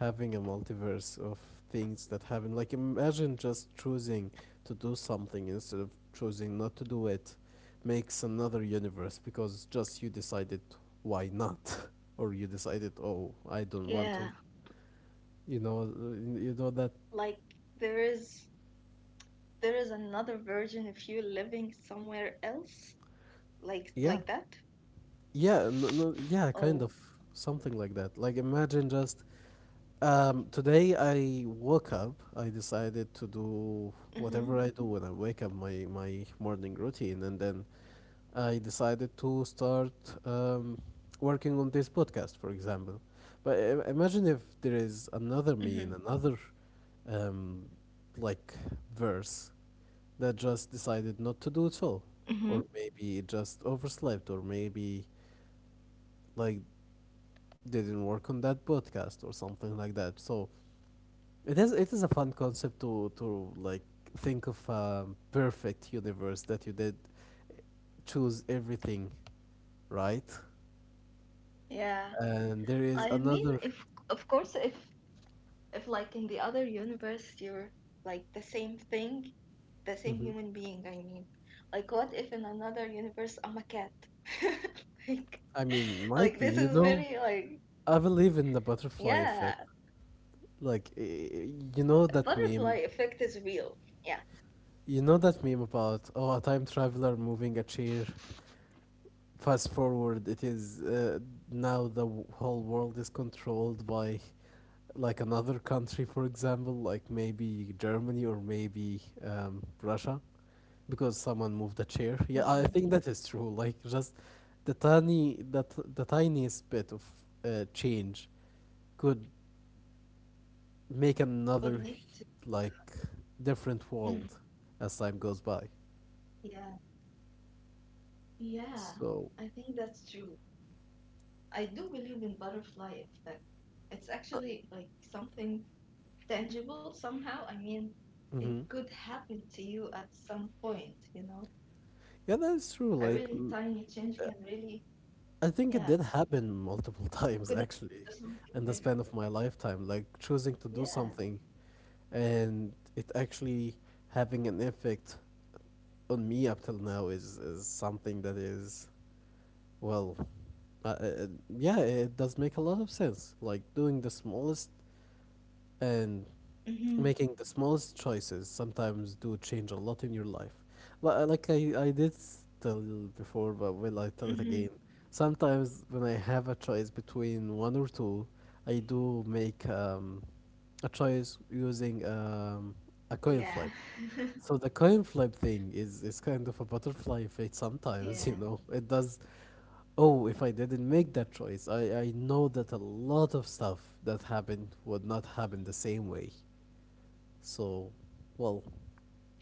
Speaker 1: Having a multiverse of things that happen. Like imagine just choosing to do something instead of choosing not to do it makes another universe, because just you decided why not, (laughs) or you decided, oh, I
Speaker 2: Yeah,
Speaker 1: don't want to. You know
Speaker 2: like
Speaker 1: that
Speaker 2: there is there is another version of you living somewhere else, like that.
Speaker 1: yeah. Yeah, no, no, yeah,
Speaker 2: Oh.
Speaker 1: kind of something like that. Like imagine just, today I woke up. I decided to do
Speaker 2: Mm-hmm.
Speaker 1: whatever I do when I wake up, my morning routine, and then I decided to start, um, working on this podcast, for example. But imagine if there
Speaker 2: Mm-hmm.
Speaker 1: is another me in another, um, like, verse that just decided not
Speaker 2: Mm-hmm.
Speaker 1: to do it all, or maybe it just overslept, or maybe like they didn't work on that podcast or something like that. So it is a fun concept to like think of a perfect universe that you did choose everything right.
Speaker 2: Yeah,
Speaker 1: And there is
Speaker 2: I mean,
Speaker 1: another.
Speaker 2: if of course, if like in the other universe you're like the same thing, the same
Speaker 1: Mhm.
Speaker 2: human being, I mean. Like, what if in another universe I'm a cat? (laughs) Like,
Speaker 1: I mean, might be,
Speaker 2: this
Speaker 1: you
Speaker 2: is
Speaker 1: know.
Speaker 2: very, like,
Speaker 1: I believe in the butterfly effect.
Speaker 2: yeah.
Speaker 1: Like, you know that
Speaker 2: Butterfly
Speaker 1: meme?
Speaker 2: effect is real. Yeah.
Speaker 1: You know that meme about, oh, a time traveler moving a chair. Fast forward, it is, now the whole world is controlled by, like, another country, for example, like maybe Germany or maybe, Russia, because someone moved a chair. (laughs) Yeah, I think that
Speaker 2: Mm,
Speaker 1: is true. Like just the tiny that the tiniest bit of, change could make another,
Speaker 2: could lead to.
Speaker 1: like, different world
Speaker 2: Mhm.
Speaker 1: as time goes by.
Speaker 2: Yeah, yeah,
Speaker 1: So,
Speaker 2: I think that's true. I do believe in butterfly effect. It's
Speaker 1: uh,
Speaker 2: actually like something tangible somehow, I mean, it could
Speaker 1: mhm.
Speaker 2: happen to you at some point, you know.
Speaker 1: Yeah, that
Speaker 2: A
Speaker 1: is true.
Speaker 2: really
Speaker 1: Like,
Speaker 2: tiny change can
Speaker 1: uh,
Speaker 2: really,
Speaker 1: I
Speaker 2: yeah,
Speaker 1: think it did happen multiple (laughs)
Speaker 2: could have
Speaker 1: times
Speaker 2: just
Speaker 1: actually
Speaker 2: something bigger.
Speaker 1: in the span of my lifetime. Like choosing
Speaker 2: Yeah.
Speaker 1: to do something and it actually having an effect on me up till now is something that is, well, uh, uh, yeah, it does make a lot of sense, like doing the smallest
Speaker 2: Mm-hmm.
Speaker 1: and making the smallest choices sometimes do change a lot in your life. Like I did tell you
Speaker 2: Mm-hmm.
Speaker 1: before, but will I tell it again. Sometimes when I have a choice between one or two, I do make, a choice using,
Speaker 2: Yeah. (laughs)
Speaker 1: a coin flip. So the coin flip thing is kind of a
Speaker 2: yeah.
Speaker 1: butterfly effect sometimes, (laughs) . It does. Oh, if I didn't make that choice, I know that a lot of stuff that happened would not happen the same way. So, well,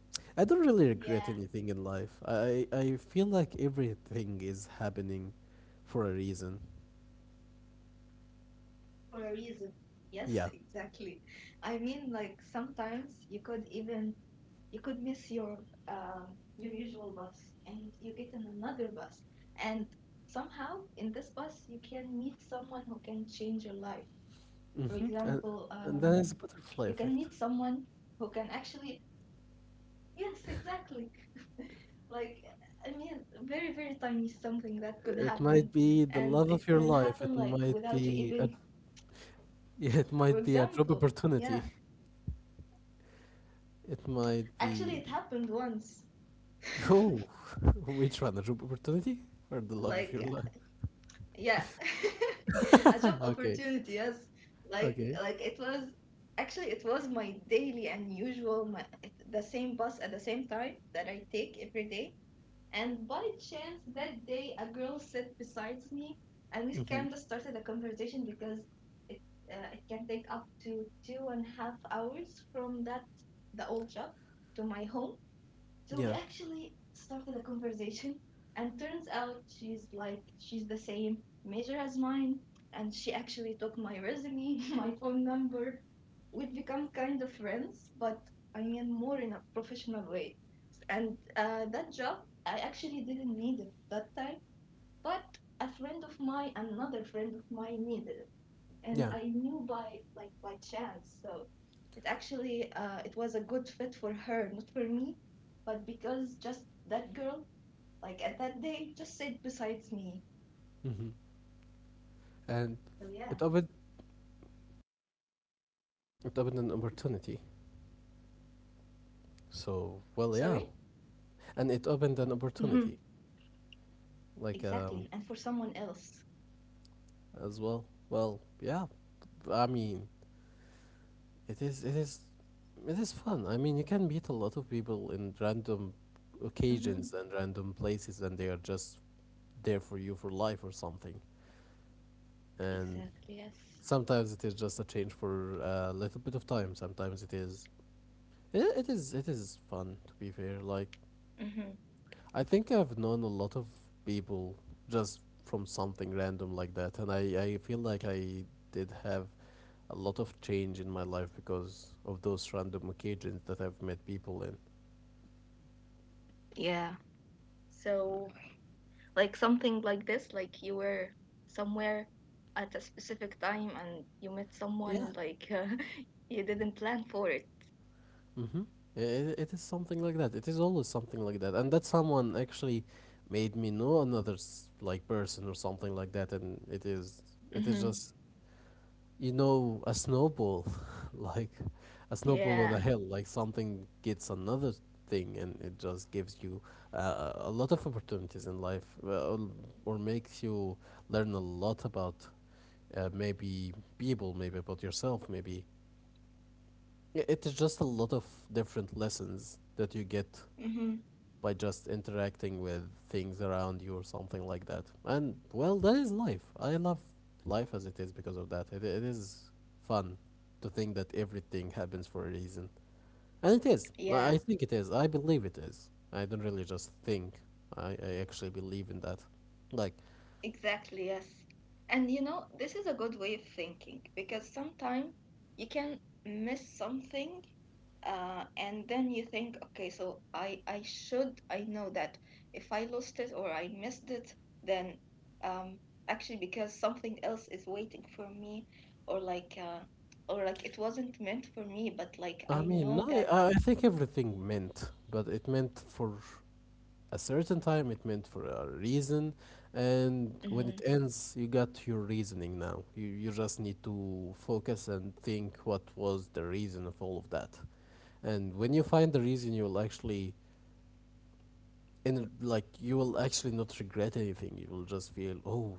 Speaker 2: Yeah.
Speaker 1: I don't really regret anything in life. I feel like everything is happening for a reason.
Speaker 2: For a reason. Yes,
Speaker 1: Yeah.
Speaker 2: exactly. I mean, like sometimes you could even, you could miss your usual bus, and you get in another bus, and somehow in this bus you can meet someone who can change your life. For
Speaker 1: Mm-hmm. And,
Speaker 2: example,
Speaker 1: and that is a butterfly
Speaker 2: you can
Speaker 1: effect.
Speaker 2: meet someone who can actually. Yes, exactly. (laughs) Like, I mean, very, very tiny something that could happen.
Speaker 1: It might be
Speaker 2: And
Speaker 1: the
Speaker 2: it
Speaker 1: love
Speaker 2: can
Speaker 1: of your
Speaker 2: happen,
Speaker 1: life.
Speaker 2: like,
Speaker 1: It
Speaker 2: without you
Speaker 1: might
Speaker 2: even,
Speaker 1: be (laughs) it
Speaker 2: for
Speaker 1: might be a job
Speaker 2: example, yeah.
Speaker 1: opportunity. It might
Speaker 2: Actually,
Speaker 1: be.
Speaker 2: it happened once. (laughs)
Speaker 1: Oh, (laughs) which one? The job opportunity or the love of
Speaker 2: Like,
Speaker 1: your life?
Speaker 2: yeah.
Speaker 1: (laughs)
Speaker 2: (laughs) A job
Speaker 1: Okay,
Speaker 2: opportunity, yes. Like,
Speaker 1: okay.
Speaker 2: like it was, actually, it was my daily and usual, the same bus at the same time that I take every day. And by chance, that day, a girl sat beside me, and we
Speaker 1: Hmm.
Speaker 2: kind of started a conversation, because it it can take up to 2.5 hours from that the old job to my home. So we
Speaker 1: Yeah,
Speaker 2: actually started a conversation, and turns out, she's like she's the same major as mine, and she actually took my resume, (laughs) my phone number. We've become kind of friends, but I mean more in a professional way, and that job, I actually didn't need it that time, but a friend of mine, another friend of mine, needed it, and
Speaker 1: yeah.
Speaker 2: I knew by like by chance. So it actually, it was a good fit for her, not for me, but because just that girl, like at that day, just sit besides me.
Speaker 1: Hmm. And
Speaker 2: So yeah.
Speaker 1: it opened it opened an opportunity. So, well, yeah.
Speaker 2: Sorry.
Speaker 1: And it opened an
Speaker 2: Mm-hmm.
Speaker 1: opportunity, like,
Speaker 2: Exactly, and for someone else.
Speaker 1: as well. Well, yeah. I mean, it is it is it is fun. I mean, you can meet a lot of people in random
Speaker 2: Mm-hmm.
Speaker 1: occasions and random places, and they are just there for you for life or something. And
Speaker 2: Exactly. Yes.
Speaker 1: sometimes it is just a change for a little bit of time. Sometimes it is. It is. It is fun, to be fair. Like
Speaker 2: Mm-hmm.
Speaker 1: I think I've known a lot of people just from something random like that, and I feel like I did have a lot of change in my life because of those random occasions that I've met people in.
Speaker 2: Yeah. So, like, something like this, like you were somewhere at a specific time and you met
Speaker 1: Yeah.
Speaker 2: someone, like, (laughs) you didn't plan for it.
Speaker 1: Mm-hmm. It is something like that. It is always something like that, and that someone actually made me know another, like, person or something like that, and it is
Speaker 2: Mm-hmm.
Speaker 1: just, a snowball, (laughs) like a snowball on a
Speaker 2: Yeah.
Speaker 1: hill. Like something gets another thing, and it just gives you, a lot of opportunities in life, or makes you learn a lot about, maybe people, maybe about yourself, maybe, yeah. It is just a lot of different lessons that you get
Speaker 2: Hmm.
Speaker 1: by just interacting with things around you or something like that. And well, that is life. I love life as it is because of that. It is fun to think that everything happens for a reason. And it is.
Speaker 2: Yeah.
Speaker 1: I think it is. I believe it is. I don't really just think. I actually believe in that. Like,
Speaker 2: Exactly, yes. And you know, this is a good way of thinking, because sometimes you can miss something, and then you think, okay, so I should, I know that if I lost it or I missed it, then, um, actually because something else is waiting for me, or like, uh, or like it wasn't meant for me, but like I
Speaker 1: I
Speaker 2: know
Speaker 1: mean, I,
Speaker 2: that.
Speaker 1: I think everything meant, but it meant for a certain time, it meant for a reason, and when
Speaker 2: Hmm.
Speaker 1: it ends, you got your reasoning now. You just need to focus and think what was the reason of all of that. And when you find the reason, you'll actually, and like, you will actually not regret anything. You will just feel, oh,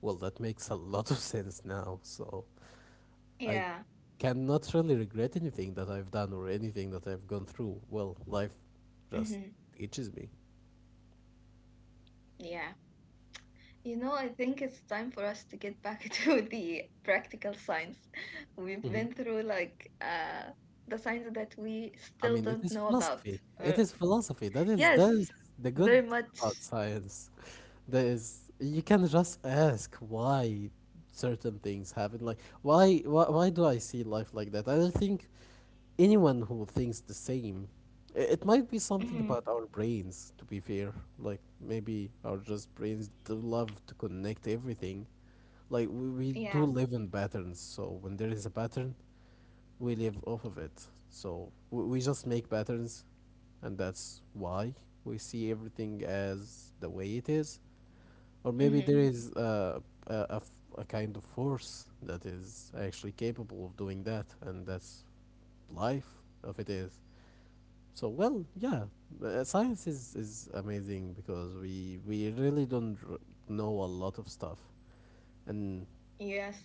Speaker 1: well, that makes a lot of (laughs) sense now. So
Speaker 2: Yeah,
Speaker 1: I cannot really regret anything that I've done or anything that I've gone through. Well, life
Speaker 2: mm-hmm,
Speaker 1: just itches me.
Speaker 2: yeah. You know, I think it's time for us to get back (laughs) to the practical science. We've
Speaker 1: Hmm.
Speaker 2: been through like the science that we still
Speaker 1: I mean,
Speaker 2: don't
Speaker 1: it
Speaker 2: know
Speaker 1: is
Speaker 2: about.
Speaker 1: philosophy.
Speaker 2: Uh,
Speaker 1: It is philosophy. That is that
Speaker 2: yes,
Speaker 1: is the
Speaker 2: very
Speaker 1: good
Speaker 2: much.
Speaker 1: about science. That is, you can just ask why certain things happen. Like, why do I see life like that? I don't think anyone who thinks the same. It might be something
Speaker 2: Hmm.
Speaker 1: about our brains, to be fair. Like maybe our just brains do love to connect everything. Like we do
Speaker 2: Yeah.
Speaker 1: live in patterns, so when there is a pattern we live off of it. So we just make patterns, and that's why we see everything as the way it is. Or maybe
Speaker 2: Hmm.
Speaker 1: there is, a kind of force that is actually capable of doing that, and that's life, if it is. So, well, yeah, science is amazing, because we really don't know a lot of stuff, and
Speaker 2: Yes.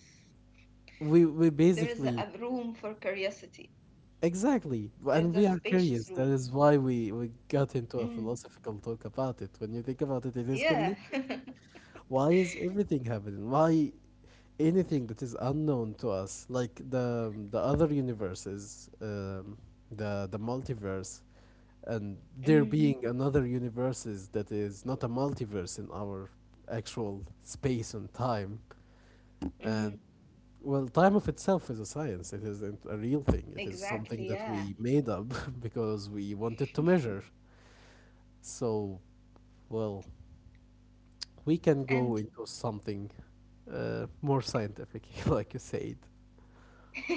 Speaker 1: we
Speaker 2: There is a
Speaker 1: basically...
Speaker 2: a room for curiosity.
Speaker 1: Exactly.
Speaker 2: There's
Speaker 1: And
Speaker 2: a
Speaker 1: we are
Speaker 2: spacious
Speaker 1: curious. That
Speaker 2: room.
Speaker 1: is why we got into a
Speaker 2: Mm.
Speaker 1: philosophical talk about it. When you think about it, it is
Speaker 2: Yeah.
Speaker 1: connected.
Speaker 2: (laughs)
Speaker 1: Why is everything happening? Why anything that is unknown to us, like the other universes, the multiverse, and there
Speaker 2: hmm
Speaker 1: being another universes that is not a multiverse in our actual space and time, and
Speaker 2: hmm
Speaker 1: well, time of itself is a science. It isn't a real thing. It is something
Speaker 2: Exactly.
Speaker 1: that
Speaker 2: Yeah.
Speaker 1: we made up (laughs) because we wanted to measure. So, well, we can go
Speaker 2: And
Speaker 1: into something more scientific, (laughs) like you said.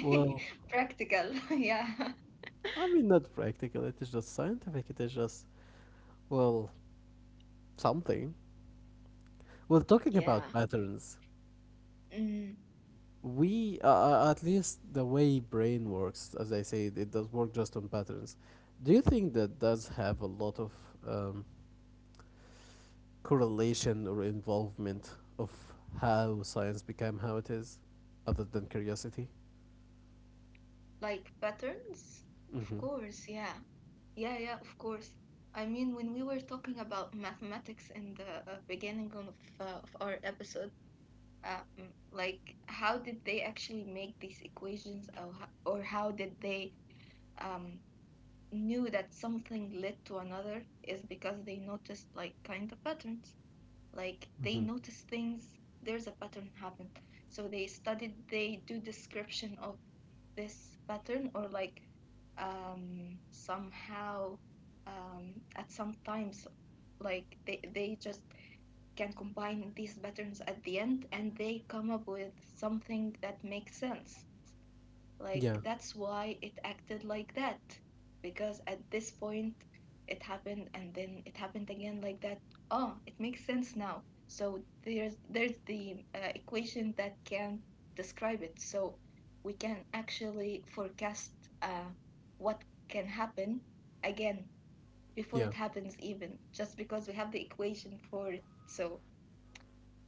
Speaker 1: Well,
Speaker 2: practical. (laughs) Yeah.
Speaker 1: I mean, not practical. It is just scientific. It is just, well, something. Well, talking about
Speaker 2: Yeah.
Speaker 1: patterns,
Speaker 2: Mm.
Speaker 1: at least the way brain works, as I said, it does work just on patterns. Do you think that does have a lot of um, correlation or involvement of how science became how it is, other than curiosity?
Speaker 2: Like patterns? Of
Speaker 1: Mm-hmm.
Speaker 2: course, yeah. Yeah, yeah, of course. I mean, when we were talking about mathematics in the beginning of our episode, like how did they actually make these equations or how did they um, knew that something led to another is because they noticed like kind of patterns, like
Speaker 1: Mm-hmm.
Speaker 2: they notice things, there's a pattern happen. So they studied, they do description of this pattern, or like, somehow, at some times, like they just can combine these patterns at the end and they come up with something that makes sense, like,
Speaker 1: Yeah,
Speaker 2: that's why it acted like that. Because at this point, it happened and then it happened again like that. Oh, it makes sense now. So there's the equation that can describe it. So we can actually forecast uh, what can happen again before
Speaker 1: yeah,
Speaker 2: it happens even, just because we have the equation for it. So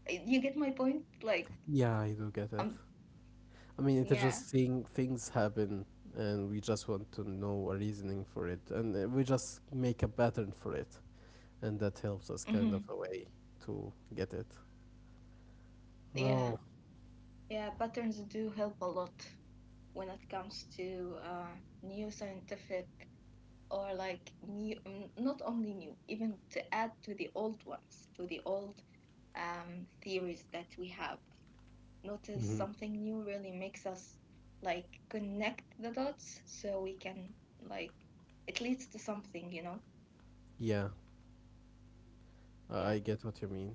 Speaker 2: you get my point, like
Speaker 1: yeah, I do get it.
Speaker 2: um
Speaker 1: I mean, it's
Speaker 2: yeah.
Speaker 1: just seeing things happen, and we just want to know a reasoning for it, and we just make a pattern for it, and that helps us kind of
Speaker 2: Hmm.
Speaker 1: a way to get it. Well,
Speaker 2: Yeah. Yeah, patterns do help a lot when it comes to new scientific, or like new, not only new, even to add to the old ones, to the old theories that we have.
Speaker 1: mhm,
Speaker 2: Notice something new really makes us like connect the dots, so we can like, it leads to something,
Speaker 1: yeah, I
Speaker 2: Yeah.
Speaker 1: get what you mean.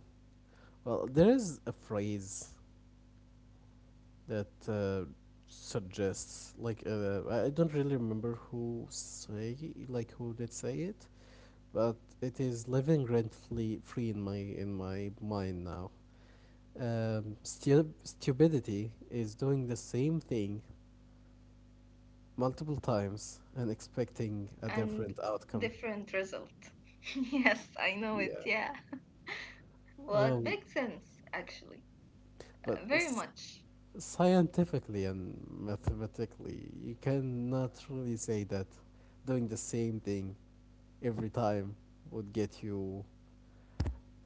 Speaker 1: Well, there is a phrase that suggests like I don't really remember who did say it, but it is living rent free in my mind now. Stupidity is doing the same thing multiple times and expecting a
Speaker 2: And
Speaker 1: different outcome.
Speaker 2: different result. (laughs) Yes, I know it.
Speaker 1: Yeah.
Speaker 2: Yeah. Well,
Speaker 1: Well,
Speaker 2: it makes sense actually,
Speaker 1: but
Speaker 2: very much.
Speaker 1: scientifically and mathematically, you cannot really say that doing the same thing every time would get you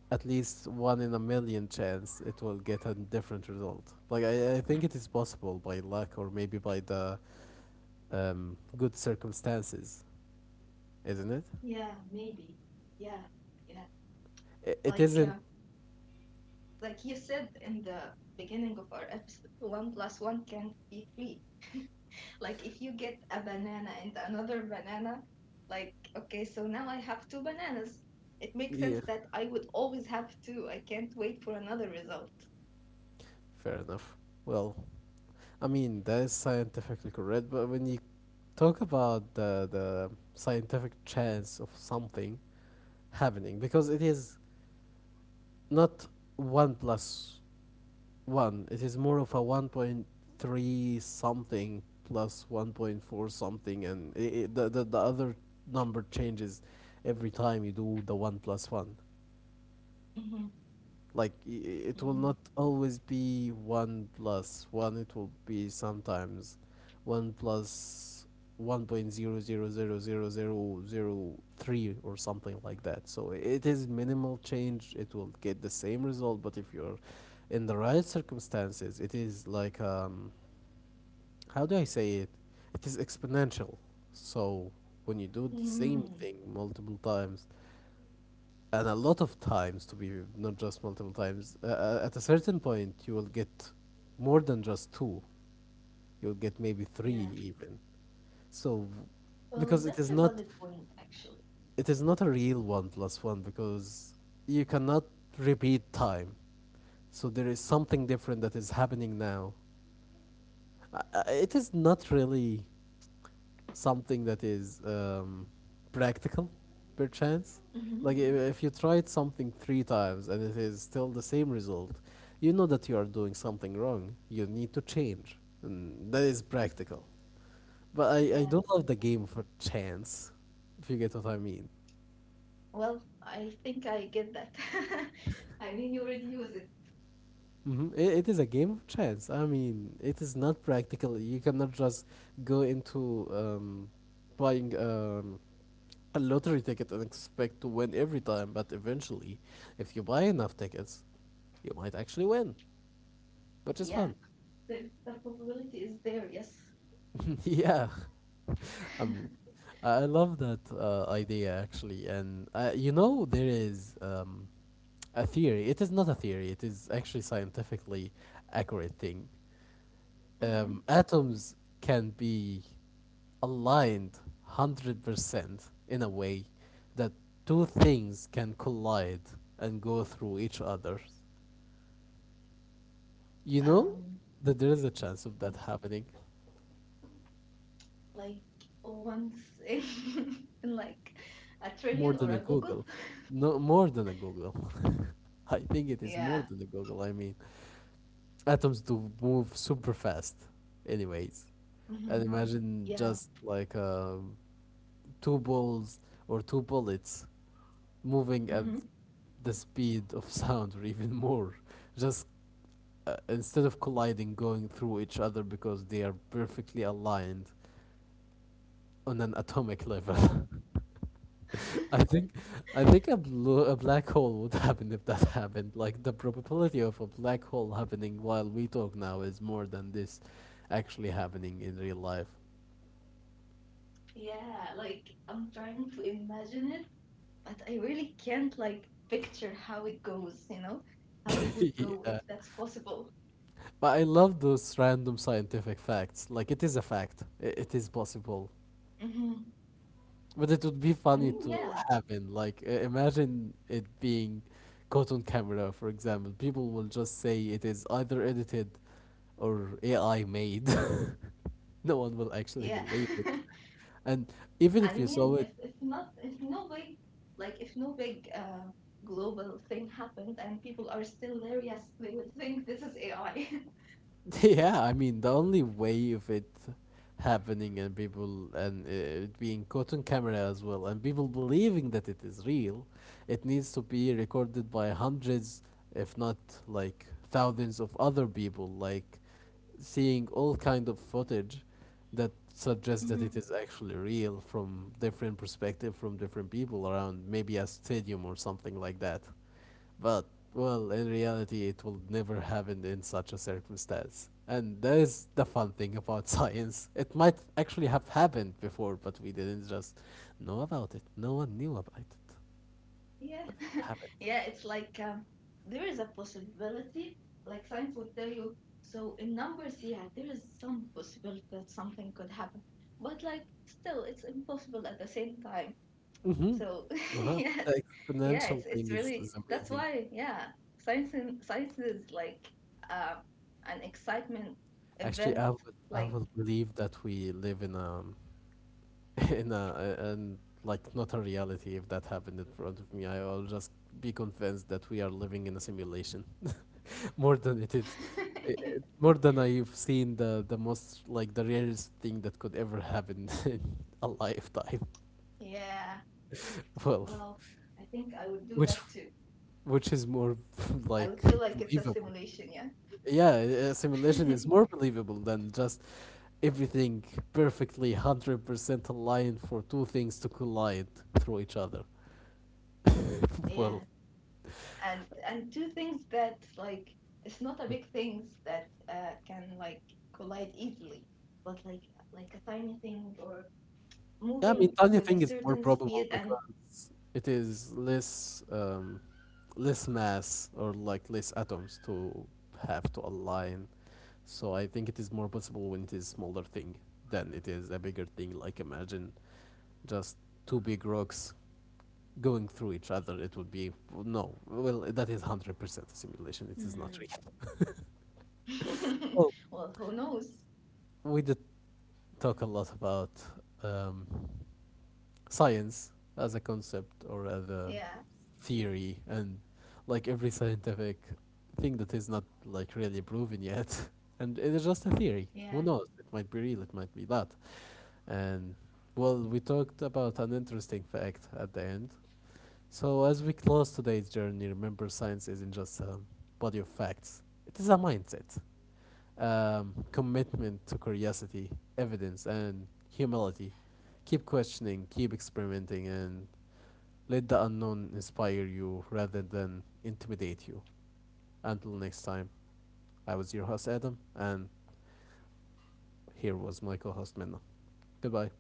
Speaker 1: at least one in a million chance it will get a different result. Like I think it is possible by luck or maybe by the good circumstances, isn't it?
Speaker 2: Yeah, maybe. Yeah, yeah.
Speaker 1: It
Speaker 2: Like
Speaker 1: isn't.
Speaker 2: uh, like you said in the beginning of our episode, one plus one can't be three. Like if you get a banana and another banana, like okay, so now I have two bananas. It makes sense
Speaker 1: Yeah,
Speaker 2: that I would always have two. I can't wait for another result.
Speaker 1: fair enough. Well, I mean that is scientifically correct, but when you talk about the scientific chance of something happening, because it is not one plus one. It is more of a 1.3 something plus 1.4 something, and I the other number changes every time you do the one plus one.
Speaker 2: Mm-hmm.
Speaker 1: Like it will
Speaker 2: Mm-hmm.
Speaker 1: not always be one plus one. It will be sometimes one plus one point zero zero zero zero zero zero three or something like that. So it is minimal change. It will get the same result, but if you're in the right circumstances, it is like, how do I say it? It is exponential. So when you do the same
Speaker 2: Mm-hmm.
Speaker 1: thing multiple times, and a lot of times to be not just multiple times, at a certain point you will get more than just two. You'll get maybe three
Speaker 2: Yeah.
Speaker 1: even. So,
Speaker 2: Well,
Speaker 1: because it
Speaker 2: that's
Speaker 1: is
Speaker 2: a
Speaker 1: not
Speaker 2: valid point, actually.
Speaker 1: it is not a real one plus one, because you cannot repeat time. So there is something different that is happening now, it is not really something that is practical, perchance.
Speaker 2: Mm-hmm.
Speaker 1: Like if you tried something three times and it is still the same result, you know that you are doing something wrong. You need to change, and that is practical. But I
Speaker 2: Yeah.
Speaker 1: don't love the game for chance, if you get what I mean.
Speaker 2: Well, I think I get that. (laughs) I mean, you already use it.
Speaker 1: Mhm. It is a game of chance. I mean, it is not practical. You cannot just go into buying a lottery ticket and expect to win every time, but eventually, if you buy enough tickets, you might actually win, which is
Speaker 2: Yeah,
Speaker 1: fun.
Speaker 2: the probability is there, yes.
Speaker 1: (laughs) Yeah. I
Speaker 2: (laughs)
Speaker 1: mean, I love that idea actually, and you know there is a theory. It is not a theory. It is actually scientifically accurate thing.
Speaker 2: Mm-hmm.
Speaker 1: Atoms can be aligned 100% in a way that two things can collide and go through each other. You know
Speaker 2: Um,
Speaker 1: that there is a chance of that happening
Speaker 2: like once in, (laughs) in like a trillion or
Speaker 1: more
Speaker 2: a
Speaker 1: than a
Speaker 2: Google. (laughs)
Speaker 1: Google. No, more than a Google. (laughs) I think it is
Speaker 2: Yeah.
Speaker 1: more than a Google. I mean, atoms do move super fast, anyways. And
Speaker 2: Mm-hmm.
Speaker 1: imagine
Speaker 2: Yeah.
Speaker 1: just like two balls or two bullets moving at
Speaker 2: Mm-hmm.
Speaker 1: the speed of (laughs) sound or even more, just instead of colliding going through each other because they are perfectly aligned on an atomic level.
Speaker 2: Wow.
Speaker 1: (laughs) i
Speaker 2: (laughs)
Speaker 1: think I think a a black hole would happen if that (laughs) happened. Like, the probability of a black hole happening while we talk now is more than this actually happening in real life.
Speaker 2: Yeah, like I'm trying to imagine it, but I really can't like picture how it goes, you know,
Speaker 1: (laughs)
Speaker 2: how it would
Speaker 1: Yeah,
Speaker 2: go if that's possible.
Speaker 1: but I love those random scientific facts. Like, it is a fact. It is possible.
Speaker 2: Mm-hmm.
Speaker 1: But it would be
Speaker 2: I
Speaker 1: funny
Speaker 2: mean, yeah,
Speaker 1: to happen. Like, imagine it being caught on camera, for example. People will just say it is either edited or AI made. (laughs) No one will actually
Speaker 2: yeah.
Speaker 1: believe it.
Speaker 2: (laughs)
Speaker 1: And
Speaker 2: I
Speaker 1: even if you
Speaker 2: mean,
Speaker 1: saw
Speaker 2: if
Speaker 1: it,
Speaker 2: if not, if no big, like if no big global thing happened and people are still there, yes, they would think this is AI.
Speaker 1: (laughs) yeah, I mean, the only way of it happening and people and it being caught on camera as well and people believing that it is real, it needs to be recorded by hundreds, if not like thousands of other people, like seeing all kind of footage that suggests that it is
Speaker 2: Mhm.
Speaker 1: actually real from different perspective from different people around maybe a stadium or something like that. But, well, in reality, it will never happen in such a circumstance. And that is the fun thing about (laughs) science. It might actually have happened before, but we didn't just know about it. No one knew about it,
Speaker 2: (laughs) Yeah,
Speaker 1: but it
Speaker 2: (laughs)
Speaker 1: happened.
Speaker 2: yeah. It's like there is a possibility. Like science would tell you. So in numbers, yeah, there is some possibility that something could happen. But like still, it's impossible at the same time. So
Speaker 1: Mm-hmm.
Speaker 2: (laughs)
Speaker 1: Uh-huh.
Speaker 2: yeah,
Speaker 1: The
Speaker 2: yeah, it's
Speaker 1: exponential
Speaker 2: it's
Speaker 1: thing
Speaker 2: really,
Speaker 1: is
Speaker 2: that's why,
Speaker 1: amazing.
Speaker 2: yeah, science and science is like uh, an excitement
Speaker 1: Actually,
Speaker 2: event,
Speaker 1: I would I
Speaker 2: like.
Speaker 1: would believe that we live in a (laughs) in a and like, not a reality. If that happened in front of me, I will just be convinced that we are living in a simulation. (laughs) More than it is,
Speaker 2: (laughs)
Speaker 1: more than I've seen the most, like, the rarest thing that could ever happen (laughs) in a lifetime.
Speaker 2: Yeah.
Speaker 1: (laughs)
Speaker 2: Well,
Speaker 1: Well,
Speaker 2: I think I would do that
Speaker 1: which
Speaker 2: too.
Speaker 1: which is more (laughs)
Speaker 2: I would
Speaker 1: like
Speaker 2: feel like it's a
Speaker 1: believable.
Speaker 2: simulation, yeah.
Speaker 1: Yeah, simulation is more
Speaker 2: (laughs)
Speaker 1: believable than just everything perfectly 100% aligned for two things to collide through each other.
Speaker 2: Yeah.
Speaker 1: (laughs) Well,
Speaker 2: And two things that like, it's not a big things that can like collide easily, but like a tiny thing, or
Speaker 1: yeah, I
Speaker 2: moving
Speaker 1: mean,
Speaker 2: with a
Speaker 1: tiny thing is
Speaker 2: certain
Speaker 1: more
Speaker 2: speed
Speaker 1: probable
Speaker 2: and.
Speaker 1: because it is less mass or like less atoms to have to align. So I think it is more possible when it is smaller thing than it is a bigger thing. Like imagine just two big rocks going through each other. It would be no. Well, that is 100% a simulation. It is not
Speaker 2: Mhm.
Speaker 1: real. Well,
Speaker 2: (laughs) Well, who knows?
Speaker 1: we did talk a lot about um, science as a concept or as a
Speaker 2: Yeah,
Speaker 1: theory and like every scientific thing that is not like really proven yet (laughs) and it is just a theory. Who
Speaker 2: yeah.
Speaker 1: knows, it might be real, it might be not. And, well, we talked about an interesting fact at the end. So, as we close today's journey, remember, science isn't just a body of facts, it is a mindset, commitment to curiosity, evidence, and humility. Keep questioning, keep experimenting, and let the unknown inspire you rather than intimidate you. Until next time, I was your host Adam, and here was my co host Minna. Goodbye. (laughs)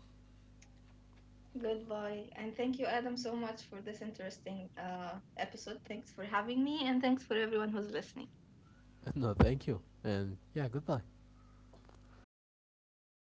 Speaker 2: Good boy. And thank you, Adam, so much for this interesting episode. Thanks for having me, and thanks for everyone who's listening.
Speaker 1: No, thank you. And yeah, goodbye.
Speaker 2: Goodbye.